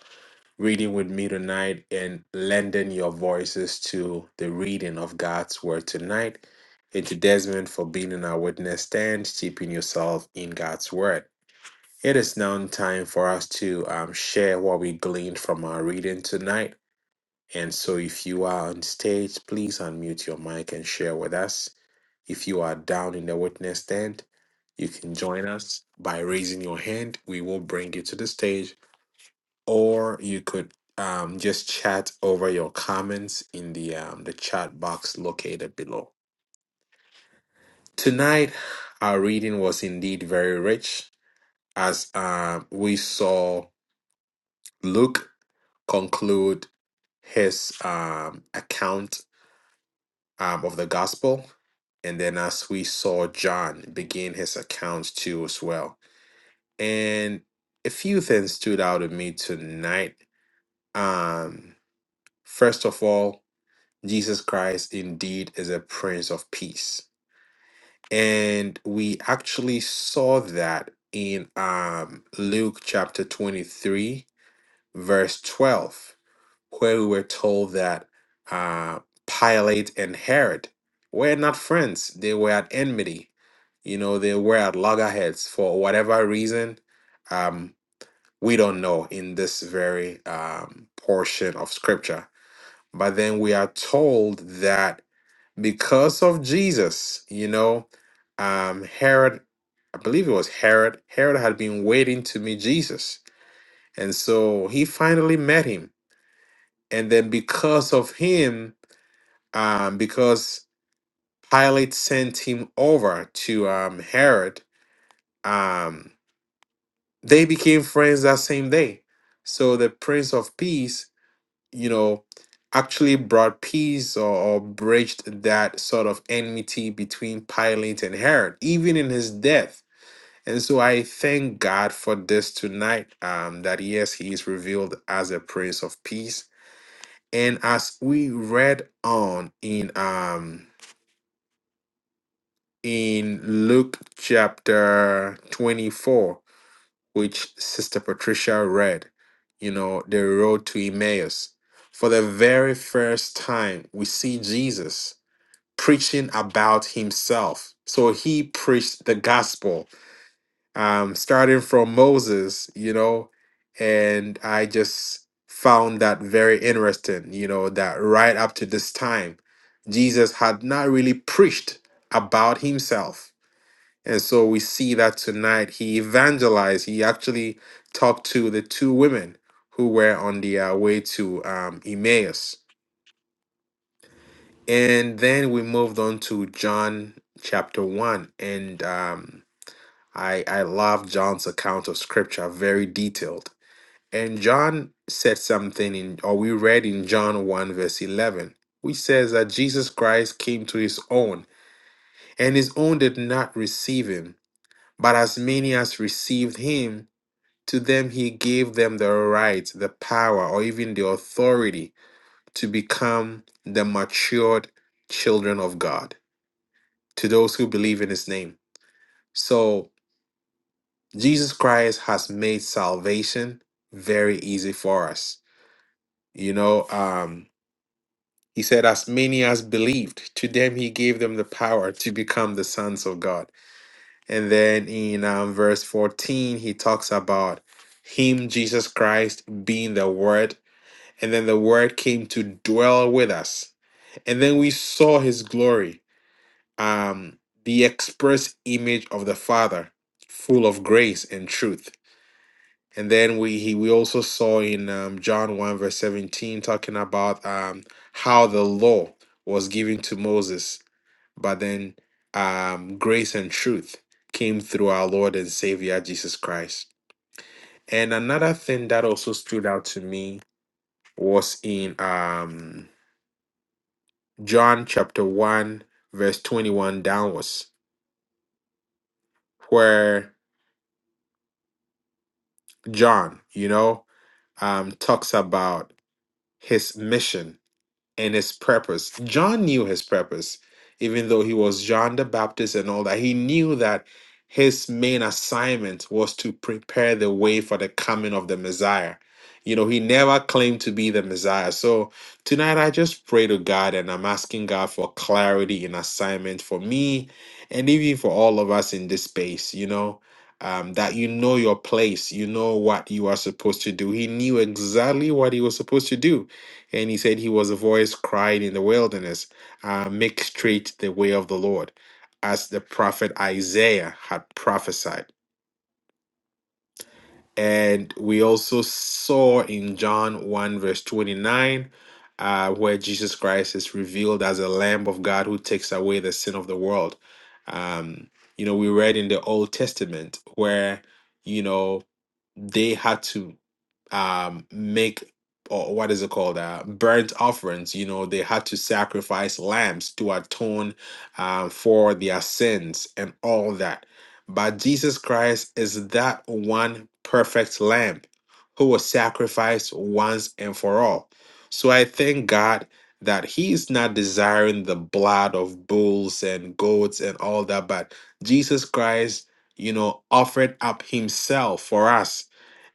Speaker 1: reading with me tonight and lending your voices to the reading of God's Word tonight. And to Desmond for being in our witness stand, steeping yourself in God's Word. It is now time for us to um, share what we gleaned from our reading tonight. And so, if you are on stage, please unmute your mic and share with us. If you are down in the witness stand, you can join us by raising your hand. We will bring you to the stage, or you could um, just chat over your comments in the um, the chat box located below. Tonight, our reading was indeed very rich, as um, we saw Luke conclude his um, account um, of the gospel, and then as we saw John begin his account too as well. And a few things stood out to me tonight. Um, first of all, Jesus Christ indeed is a Prince of Peace. And we actually saw that in um, Luke chapter 23, verse 12, where we were told that uh, Pilate and Herod were not friends, they were at enmity. You know, they were at loggerheads for whatever reason Um, we don't know in this very um, portion of scripture. But then we are told that because of Jesus, you know, um, Herod, I believe it was Herod, Herod had been waiting to meet Jesus. And so he finally met him. And then because of him, um, because Pilate sent him over to um, Herod, um, they became friends that same day. So the Prince of Peace you know, actually brought peace or, or bridged that sort of enmity between Pilate and Herod, even in his death. And so I thank God for this tonight um, that yes, he is revealed as a prince of peace. And as we read on in um in Luke chapter 24, which Sister Patricia read, you know, the road to Emmaus. For the very first time, we see Jesus preaching about himself. So he preached the gospel, um, starting from Moses, you know, and I just found that very interesting, you know, that right up to this time, Jesus had not really preached about himself and so we see that tonight he evangelized. He actually talked to the two women who were on their way to um, Emmaus. And then we moved on to John chapter 1. And um, I, I love John's account of scripture, very detailed. And John said something in, or we read in John 1, verse 11, which says that Jesus Christ came to his own, and his own did not receive him. But as many as received him, To them, he gave them the right, the power, or even the authority to become the matured children of God to those who believe in his name. So, Jesus Christ has made salvation very easy for us. You know, um, he said, As many as believed, to them he gave them the power to become the sons of God. And then in um, verse 14, he talks about him, Jesus Christ, being the word And then the word came to dwell with us. And then we saw his glory, um, the express image of the Father, full of grace and truth. And then we he, we also saw in um, John 1 verse 17 talking about um, how the law was given to Moses, but then um, grace and truth came through our Lord and Savior Jesus Christ. And another thing that also stood out to me was in um, John chapter 1, verse 21 downwards, where John, you know, um, talks about his mission and his purpose. John knew his purpose, even though he was John the Baptist and all that. He knew that his main assignment was to prepare the way for the coming of the Messiah. You know, he never claimed to be the Messiah. So tonight I just pray to God and I'm asking God for clarity in assignment for me and even for all of us in this space, you know, um, that you know your place, you know what you are supposed to do. He knew exactly what he was supposed to do and he said he was a voice cried in the wilderness, uh, make straight the way of the Lord, as the prophet Isaiah had prophesied. And we also saw in John 1, verse 29, uh, where Jesus Christ is revealed as a Lamb of God who takes away the sin of the world. Um, you know, we read in the Old Testament where, you know, they had to um make or what is it called uh burnt offerings you know they had to sacrifice lambs to atone um, for their sins and all that but jesus christ is that one perfect lamb who was sacrificed once and for all so i thank god that he is not desiring the blood of bulls and goats and all that but jesus christ you know offered up himself for us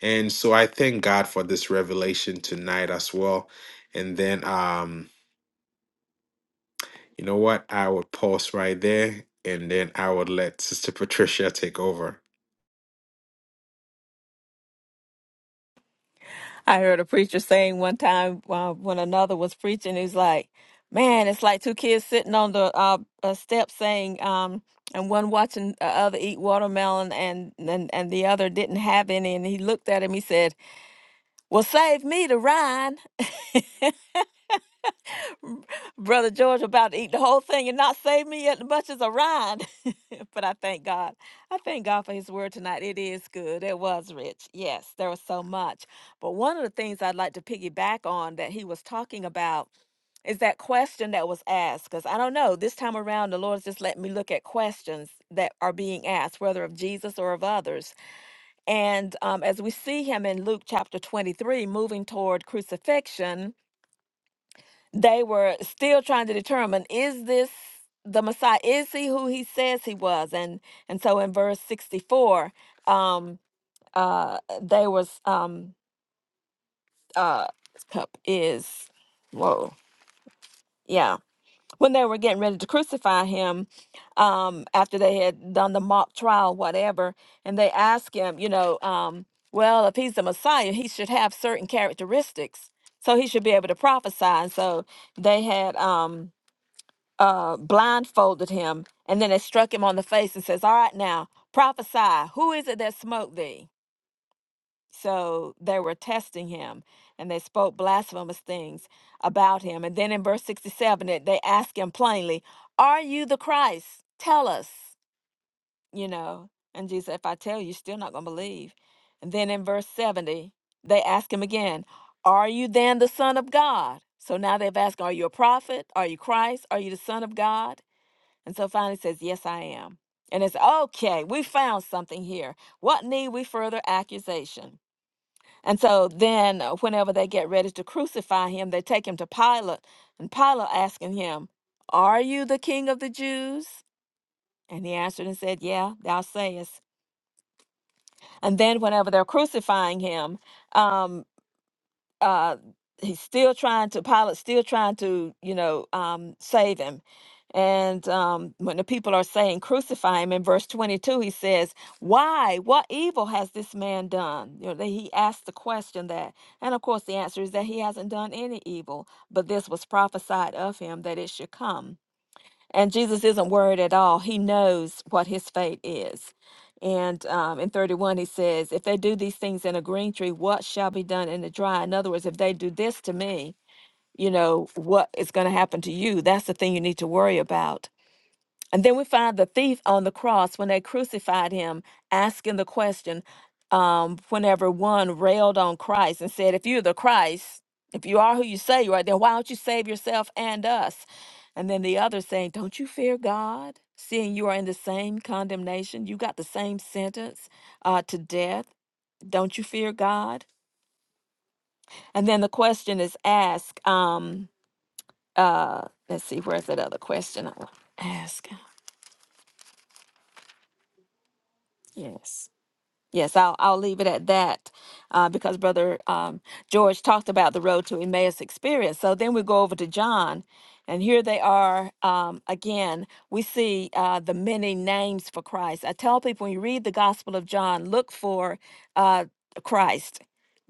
Speaker 1: and so I thank God for this revelation tonight as well. And then um, you know what? I would pause right there and then I would let Sister Patricia take over.
Speaker 2: I heard a preacher saying one time uh, when another was preaching, he's like, "Man, it's like two kids sitting on the uh, uh, step saying, um, and one watching the other eat watermelon, and, and and the other didn't have any." And he looked at him. He said, "Well, save me the rind." Brother George about to eat the whole thing and not save me yet. much as a rind. but I thank God. I thank God for his word tonight. It is good. It was rich. Yes, there was so much. But one of the things I'd like to piggyback on that he was talking about is that question that was asked. Because I don't know, this time around, the Lord's just let me look at questions that are being asked, whether of Jesus or of others. And um, as we see him in Luke chapter 23, moving toward crucifixion, they were still trying to determine is this the messiah is he who he says he was and and so in verse 64 um uh they was um uh cup is whoa yeah when they were getting ready to crucify him um after they had done the mock trial whatever and they asked him you know um well if he's the messiah he should have certain characteristics so he should be able to prophesy and so they had um uh, blindfolded him, and then they struck him on the face and says, "All right, now prophesy. Who is it that smote thee?" So they were testing him, and they spoke blasphemous things about him. And then in verse sixty-seven, it- they ask him plainly, "Are you the Christ? Tell us." You know, and Jesus, said, if I tell you, you're still not going to believe. And then in verse seventy, they ask him again, "Are you then the Son of God?" So now they've asked, "Are you a prophet? Are you Christ? Are you the Son of God?" And so finally says, Yes, I am. And it's okay, we found something here. What need we further accusation? And so then, uh, whenever they get ready to crucify him, they take him to Pilate, and Pilate asking him, Are you the king of the Jews? And he answered and said, Yeah, thou sayest. And then, whenever they're crucifying him, um. uh he's still trying to Pilate still trying to you know um save him and um when the people are saying crucify him in verse 22 he says why what evil has this man done you know that he asked the question that and of course the answer is that he hasn't done any evil but this was prophesied of him that it should come and Jesus isn't worried at all. He knows what his fate is. And um, in 31, he says, If they do these things in a green tree, what shall be done in the dry? In other words, if they do this to me, you know, what is going to happen to you? That's the thing you need to worry about. And then we find the thief on the cross when they crucified him, asking the question um, whenever one railed on Christ and said, If you're the Christ, if you are who you say you are, then why don't you save yourself and us? And then the other saying, Don't you fear God, seeing you are in the same condemnation? You got the same sentence uh, to death. Don't you fear God? And then the question is asked. Um, uh, let's see, where's that other question I want to ask? Yes. Yes, I'll I'll leave it at that, uh, because Brother um, George talked about the road to Emmaus experience. So then we go over to John, and here they are um, again. We see uh, the many names for Christ. I tell people when you read the Gospel of John, look for uh, Christ.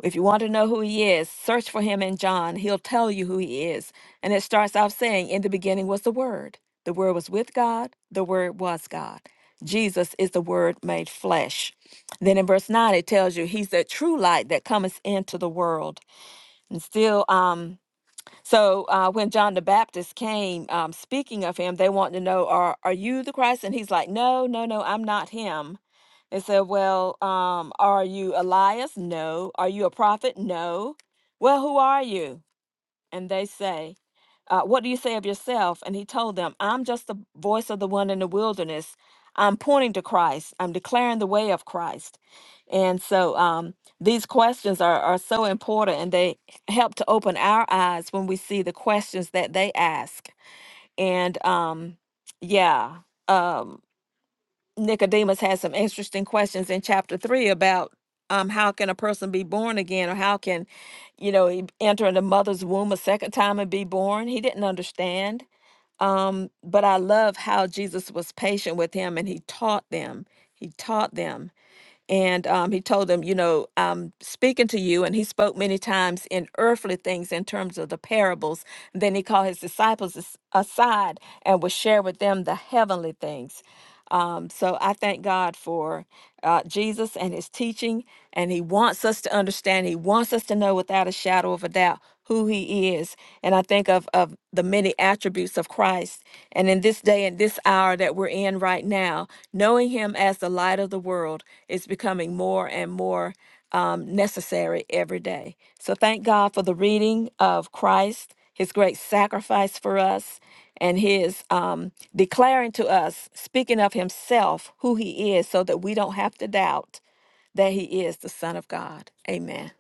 Speaker 2: If you want to know who he is, search for him in John. He'll tell you who he is. And it starts off saying, "In the beginning was the Word. The Word was with God. The Word was God." Jesus is the Word made flesh. Then in verse 9, it tells you he's the true light that cometh into the world. And still, um, so uh, when John the Baptist came um, speaking of him, they wanted to know, are, are you the Christ? And he's like, no, no, no, I'm not him. They said, well, um, are you Elias? No. Are you a prophet? No. Well, who are you? And they say, uh, What do you say of yourself? And he told them, I'm just the voice of the one in the wilderness. I'm pointing to Christ, I'm declaring the way of Christ. And so um, these questions are, are so important and they help to open our eyes when we see the questions that they ask. And um, yeah, um, Nicodemus has some interesting questions in chapter three about um, how can a person be born again or how can, you know, he enter in the mother's womb a second time and be born? He didn't understand um, but I love how Jesus was patient with him and he taught them. He taught them. And um, he told them, you know, I'm speaking to you. And he spoke many times in earthly things in terms of the parables. And then he called his disciples as- aside and would share with them the heavenly things. Um, so I thank God for uh, Jesus and his teaching. And he wants us to understand, he wants us to know without a shadow of a doubt who he is. And I think of, of the many attributes of Christ. And in this day and this hour that we're in right now, knowing him as the light of the world is becoming more and more um, necessary every day. So thank God for the reading of Christ, his great sacrifice for us, and his um, declaring to us, speaking of himself, who he is, so that we don't have to doubt that he is the Son of God. Amen.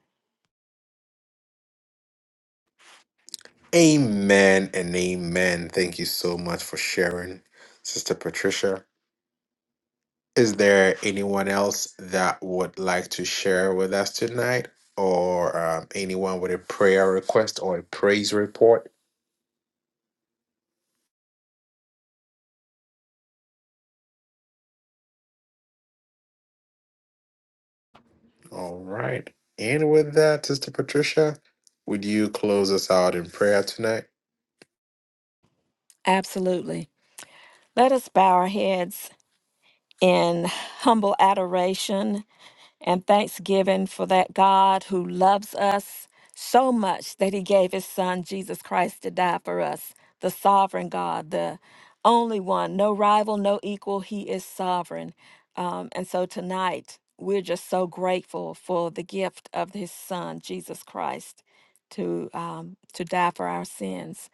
Speaker 1: Amen and amen. Thank you so much for sharing, Sister Patricia. Is there anyone else that would like to share with us tonight? Or um, anyone with a prayer request or a praise report? All right. And with that, Sister Patricia, would you close us out in prayer tonight?
Speaker 2: Absolutely. Let us bow our heads in humble adoration and thanksgiving for that God who loves us so much that he gave his son Jesus Christ to die for us, the sovereign God, the only one, no rival, no equal. He is sovereign. Um, and so tonight, we're just so grateful for the gift of his son, Jesus Christ, to, um, to die for our sins.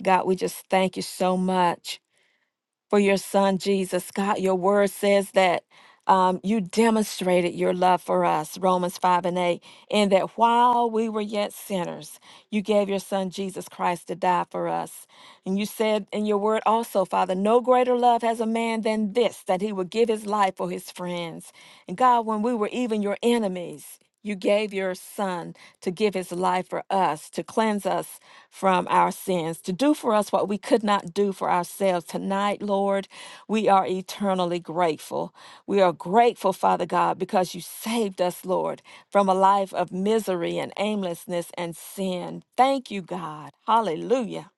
Speaker 2: God, we just thank you so much for your son Jesus. God, your word says that um, you demonstrated your love for us, Romans 5 and 8, and that while we were yet sinners, you gave your son Jesus Christ to die for us. And you said in your word also, Father, no greater love has a man than this, that he would give his life for his friends. And God, when we were even your enemies, you gave your son to give his life for us, to cleanse us from our sins, to do for us what we could not do for ourselves. Tonight, Lord, we are eternally grateful. We are grateful, Father God, because you saved us, Lord, from a life of misery and aimlessness and sin. Thank you, God. Hallelujah.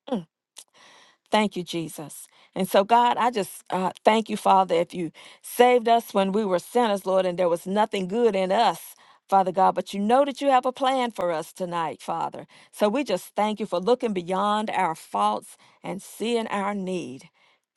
Speaker 2: Thank you, Jesus. And so, God, I just uh, thank you, Father, if you saved us when we were sinners, Lord, and there was nothing good in us, Father God, but you know that you have a plan for us tonight, Father. So we just thank you for looking beyond our faults and seeing our need.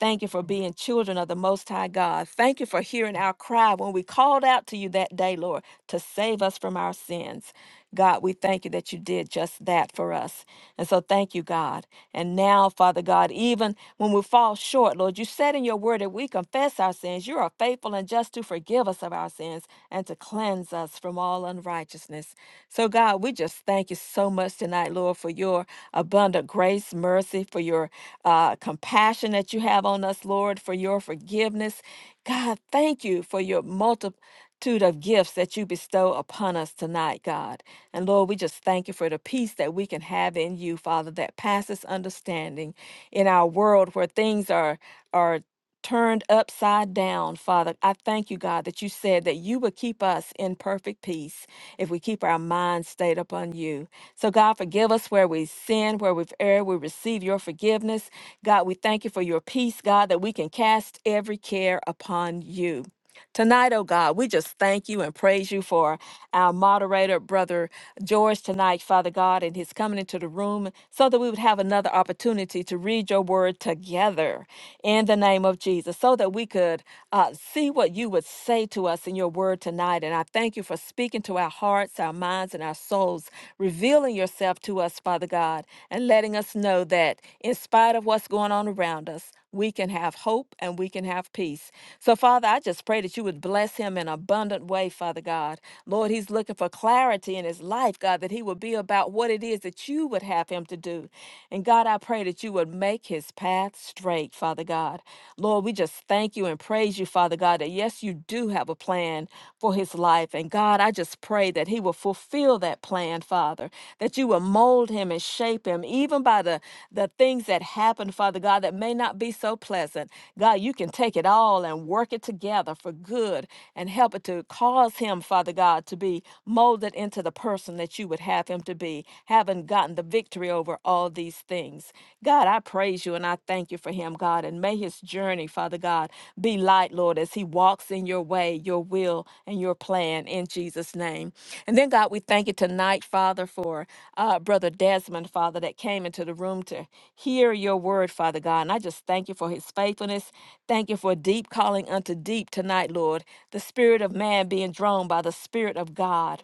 Speaker 2: Thank you for being children of the Most High God. Thank you for hearing our cry when we called out to you that day, Lord, to save us from our sins. God, we thank you that you did just that for us. And so thank you, God. And now, Father God, even when we fall short, Lord, you said in your word that we confess our sins. You are faithful and just to forgive us of our sins and to cleanse us from all unrighteousness. So, God, we just thank you so much tonight, Lord, for your abundant grace, mercy, for your uh, compassion that you have on us, Lord, for your forgiveness. God, thank you for your multitude of gifts that you bestow upon us tonight, God. And Lord, we just thank you for the peace that we can have in you, Father, that passes understanding in our world where things are are turned upside down, Father. I thank you, God, that you said that you would keep us in perfect peace if we keep our minds stayed upon you. So, God, forgive us where we sin, where we've erred. We receive your forgiveness. God, we thank you for your peace, God, that we can cast every care upon you. Tonight, oh God, we just thank you and praise you for our moderator, Brother George, tonight, Father God, and his coming into the room so that we would have another opportunity to read your word together in the name of Jesus so that we could uh, see what you would say to us in your word tonight. And I thank you for speaking to our hearts, our minds, and our souls, revealing yourself to us, Father God, and letting us us know that in spite of what's going on around us, we can have hope and we can have peace. So, Father, I just pray that you would bless him in an abundant way, Father God. Lord, he's looking for clarity in his life, God, that he would be about what it is that you would have him to do. And God, I pray that you would make his path straight, Father God. Lord, we just thank you and praise you, Father God, that yes, you do have a plan for his his life. And God, I just pray that he will fulfill that plan, Father, that you will mold him and shape him, even by the, the things that happen, Father God, that may not be so pleasant. God, you can take it all and work it together for good and help it to cause him, Father God, to be molded into the person that you would have him to be, having gotten the victory over all these things. God, I praise you you and I thank you for him, God. And may his journey, Father God, be light, Lord, as he walks in your way, your will, and your plan in Jesus' name. And then, God, we thank you tonight, Father, for uh, Brother Desmond, Father, that came into the room to hear your word, Father God. And I just thank you for his faithfulness. Thank you for deep calling unto deep tonight, Lord. The spirit of man being drawn by the spirit of God.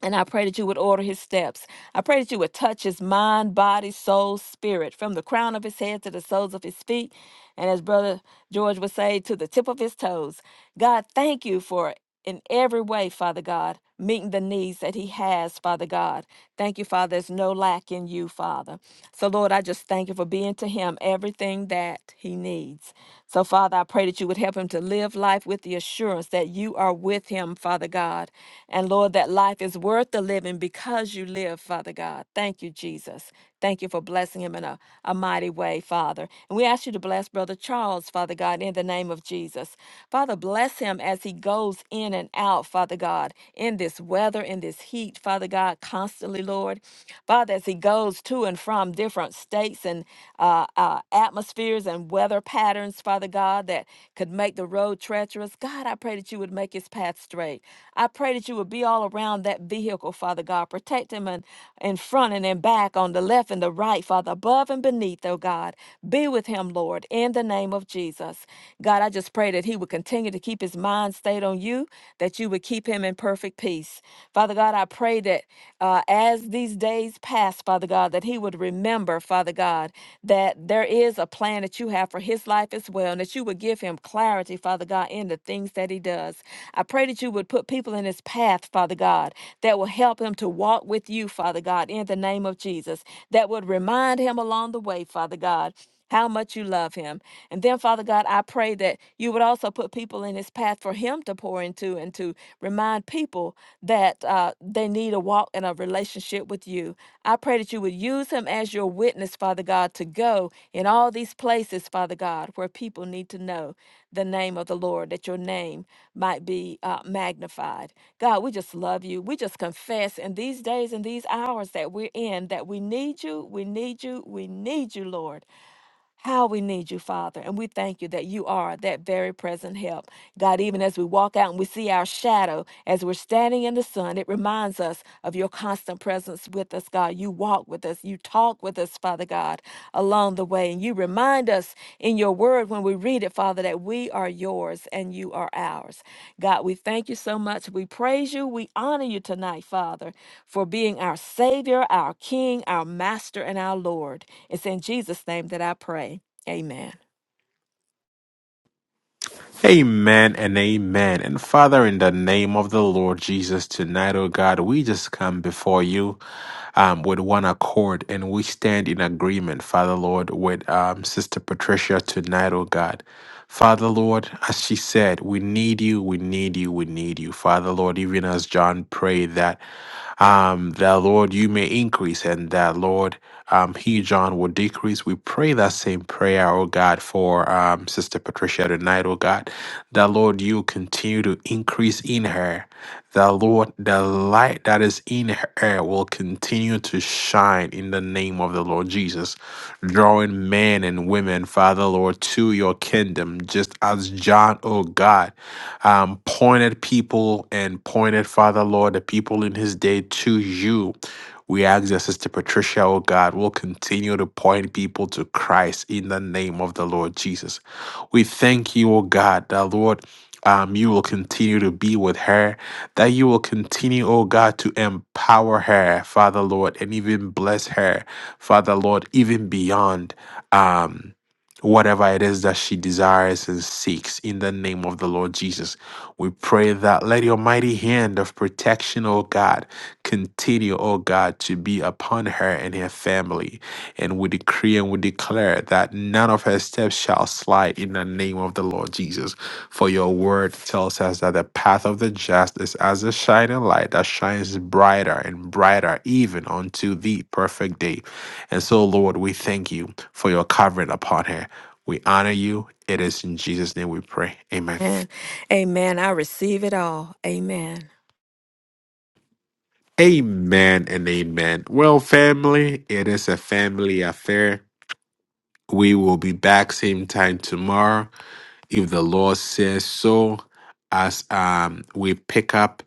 Speaker 2: And I pray that you would order his steps. I pray that you would touch his mind, body, soul, spirit, from the crown of his head to the soles of his feet. And as Brother George would say, to the tip of his toes. God, thank you for in every way, Father God, meeting the needs that he has, Father God. Thank you, Father. There's no lack in you, Father. So, Lord, I just thank you for being to him everything that he needs. So, Father, I pray that you would help him to live life with the assurance that you are with him, Father God. And, Lord, that life is worth the living because you live, Father God. Thank you, Jesus. Thank you for blessing him in a, a mighty way, Father. And we ask you to bless Brother Charles, Father God, in the name of Jesus. Father, bless bless him as he goes in and out, Father God, in this weather, in this heat, Father God, constantly, Lord. Father, as he goes to and from different states and uh, uh, atmospheres and weather patterns, Father God, that could make the road treacherous. God, I pray that you would make his path straight. I pray that you would be all around that vehicle, Father God. Protect him in, in front and in back, on the left and the right, Father, above and beneath, oh God. Be with him, Lord, in the name of Jesus. God, I just pray that he would continue to keep his mind stayed on you, that you would keep him in perfect peace. Father God, I pray that uh, as these days pass, Father God, that he would remember, Father God, that there is a plan that you have for his life as well, and that you would give him clarity, Father God, in the things that he does. I pray that you would put people in his path, Father God, that will help him to walk with you, Father God, in the name of Jesus, that would remind him along the way, Father God how much you love him. And then, Father God, I pray that you would also put people in his path for him to pour into and to remind people that uh, they need a walk and a relationship with you. I pray that you would use him as your witness, Father God, to go in all these places, Father God, where people need to know the name of the Lord, that your name might be uh, magnified. God, we just love you. We just confess in these days and these hours that we're in that we need you, we need you, we need you, Lord. How we need you, Father. And we thank you that you are that very present help. God, even as we walk out and we see our shadow as we're standing in the sun, it reminds us of your constant presence with us, God. You walk with us, you talk with us, Father God, along the way. And you remind us in your word when we read it, Father, that we are yours and you are ours. God, we thank you so much. We praise you. We honor you tonight, Father for being our Savior, our King, our Master, and our Lord. It's in Jesus' name that I pray. Amen.
Speaker 1: Amen and amen. And Father, in the name of the Lord Jesus, tonight, oh God, we just come before you um, with one accord and we stand in agreement, Father Lord, with um, Sister Patricia tonight, oh God. Father Lord, as she said, we need you, we need you, we need you. Father Lord, even as John prayed that, um, that Lord, you may increase and that Lord. um, he, John, will decrease. We pray that same prayer, oh God, for um, Sister Patricia tonight, oh God, that Lord, you continue to increase in her. That Lord, the light that is in her will continue to shine in the name of the Lord Jesus, drawing men and women, Father Lord, to your kingdom, just as John, oh God, um, pointed people and pointed, Father Lord, the people in his day to you we ask that Sister Patricia, oh God, will continue to point people to Christ in the name of the Lord Jesus. We thank you, oh God, that Lord, um, you will continue to be with her, that you will continue, oh God, to empower her, Father Lord, and even bless her, Father Lord, even beyond um, whatever it is that she desires and seeks in the name of the Lord Jesus. We pray that let your mighty hand of protection, oh God, Continue, O God, to be upon her and her family. And we decree and we declare that none of her steps shall slide in the name of the Lord Jesus. For your word tells us that the path of the just is as a shining light that shines brighter and brighter, even unto the perfect day. And so, Lord, we thank you for your covering upon her. We honor you. It is in Jesus' name we pray. Amen.
Speaker 2: And amen. I receive it all. Amen.
Speaker 1: Amen and amen. Well, family, it is a family affair. We will be back same time tomorrow if the Lord says so. As um we pick up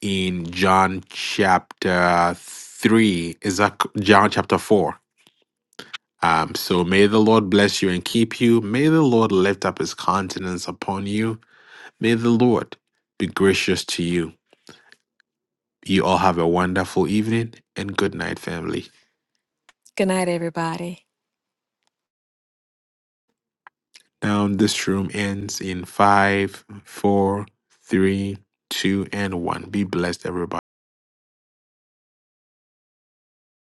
Speaker 1: in John chapter three, is that c- John chapter four? Um, so may the Lord bless you and keep you. May the Lord lift up his countenance upon you. May the Lord be gracious to you. You all have a wonderful evening and good night, family.
Speaker 2: Good night, everybody.
Speaker 1: Now this room ends in five, four, three, two, and one. Be blessed, everybody.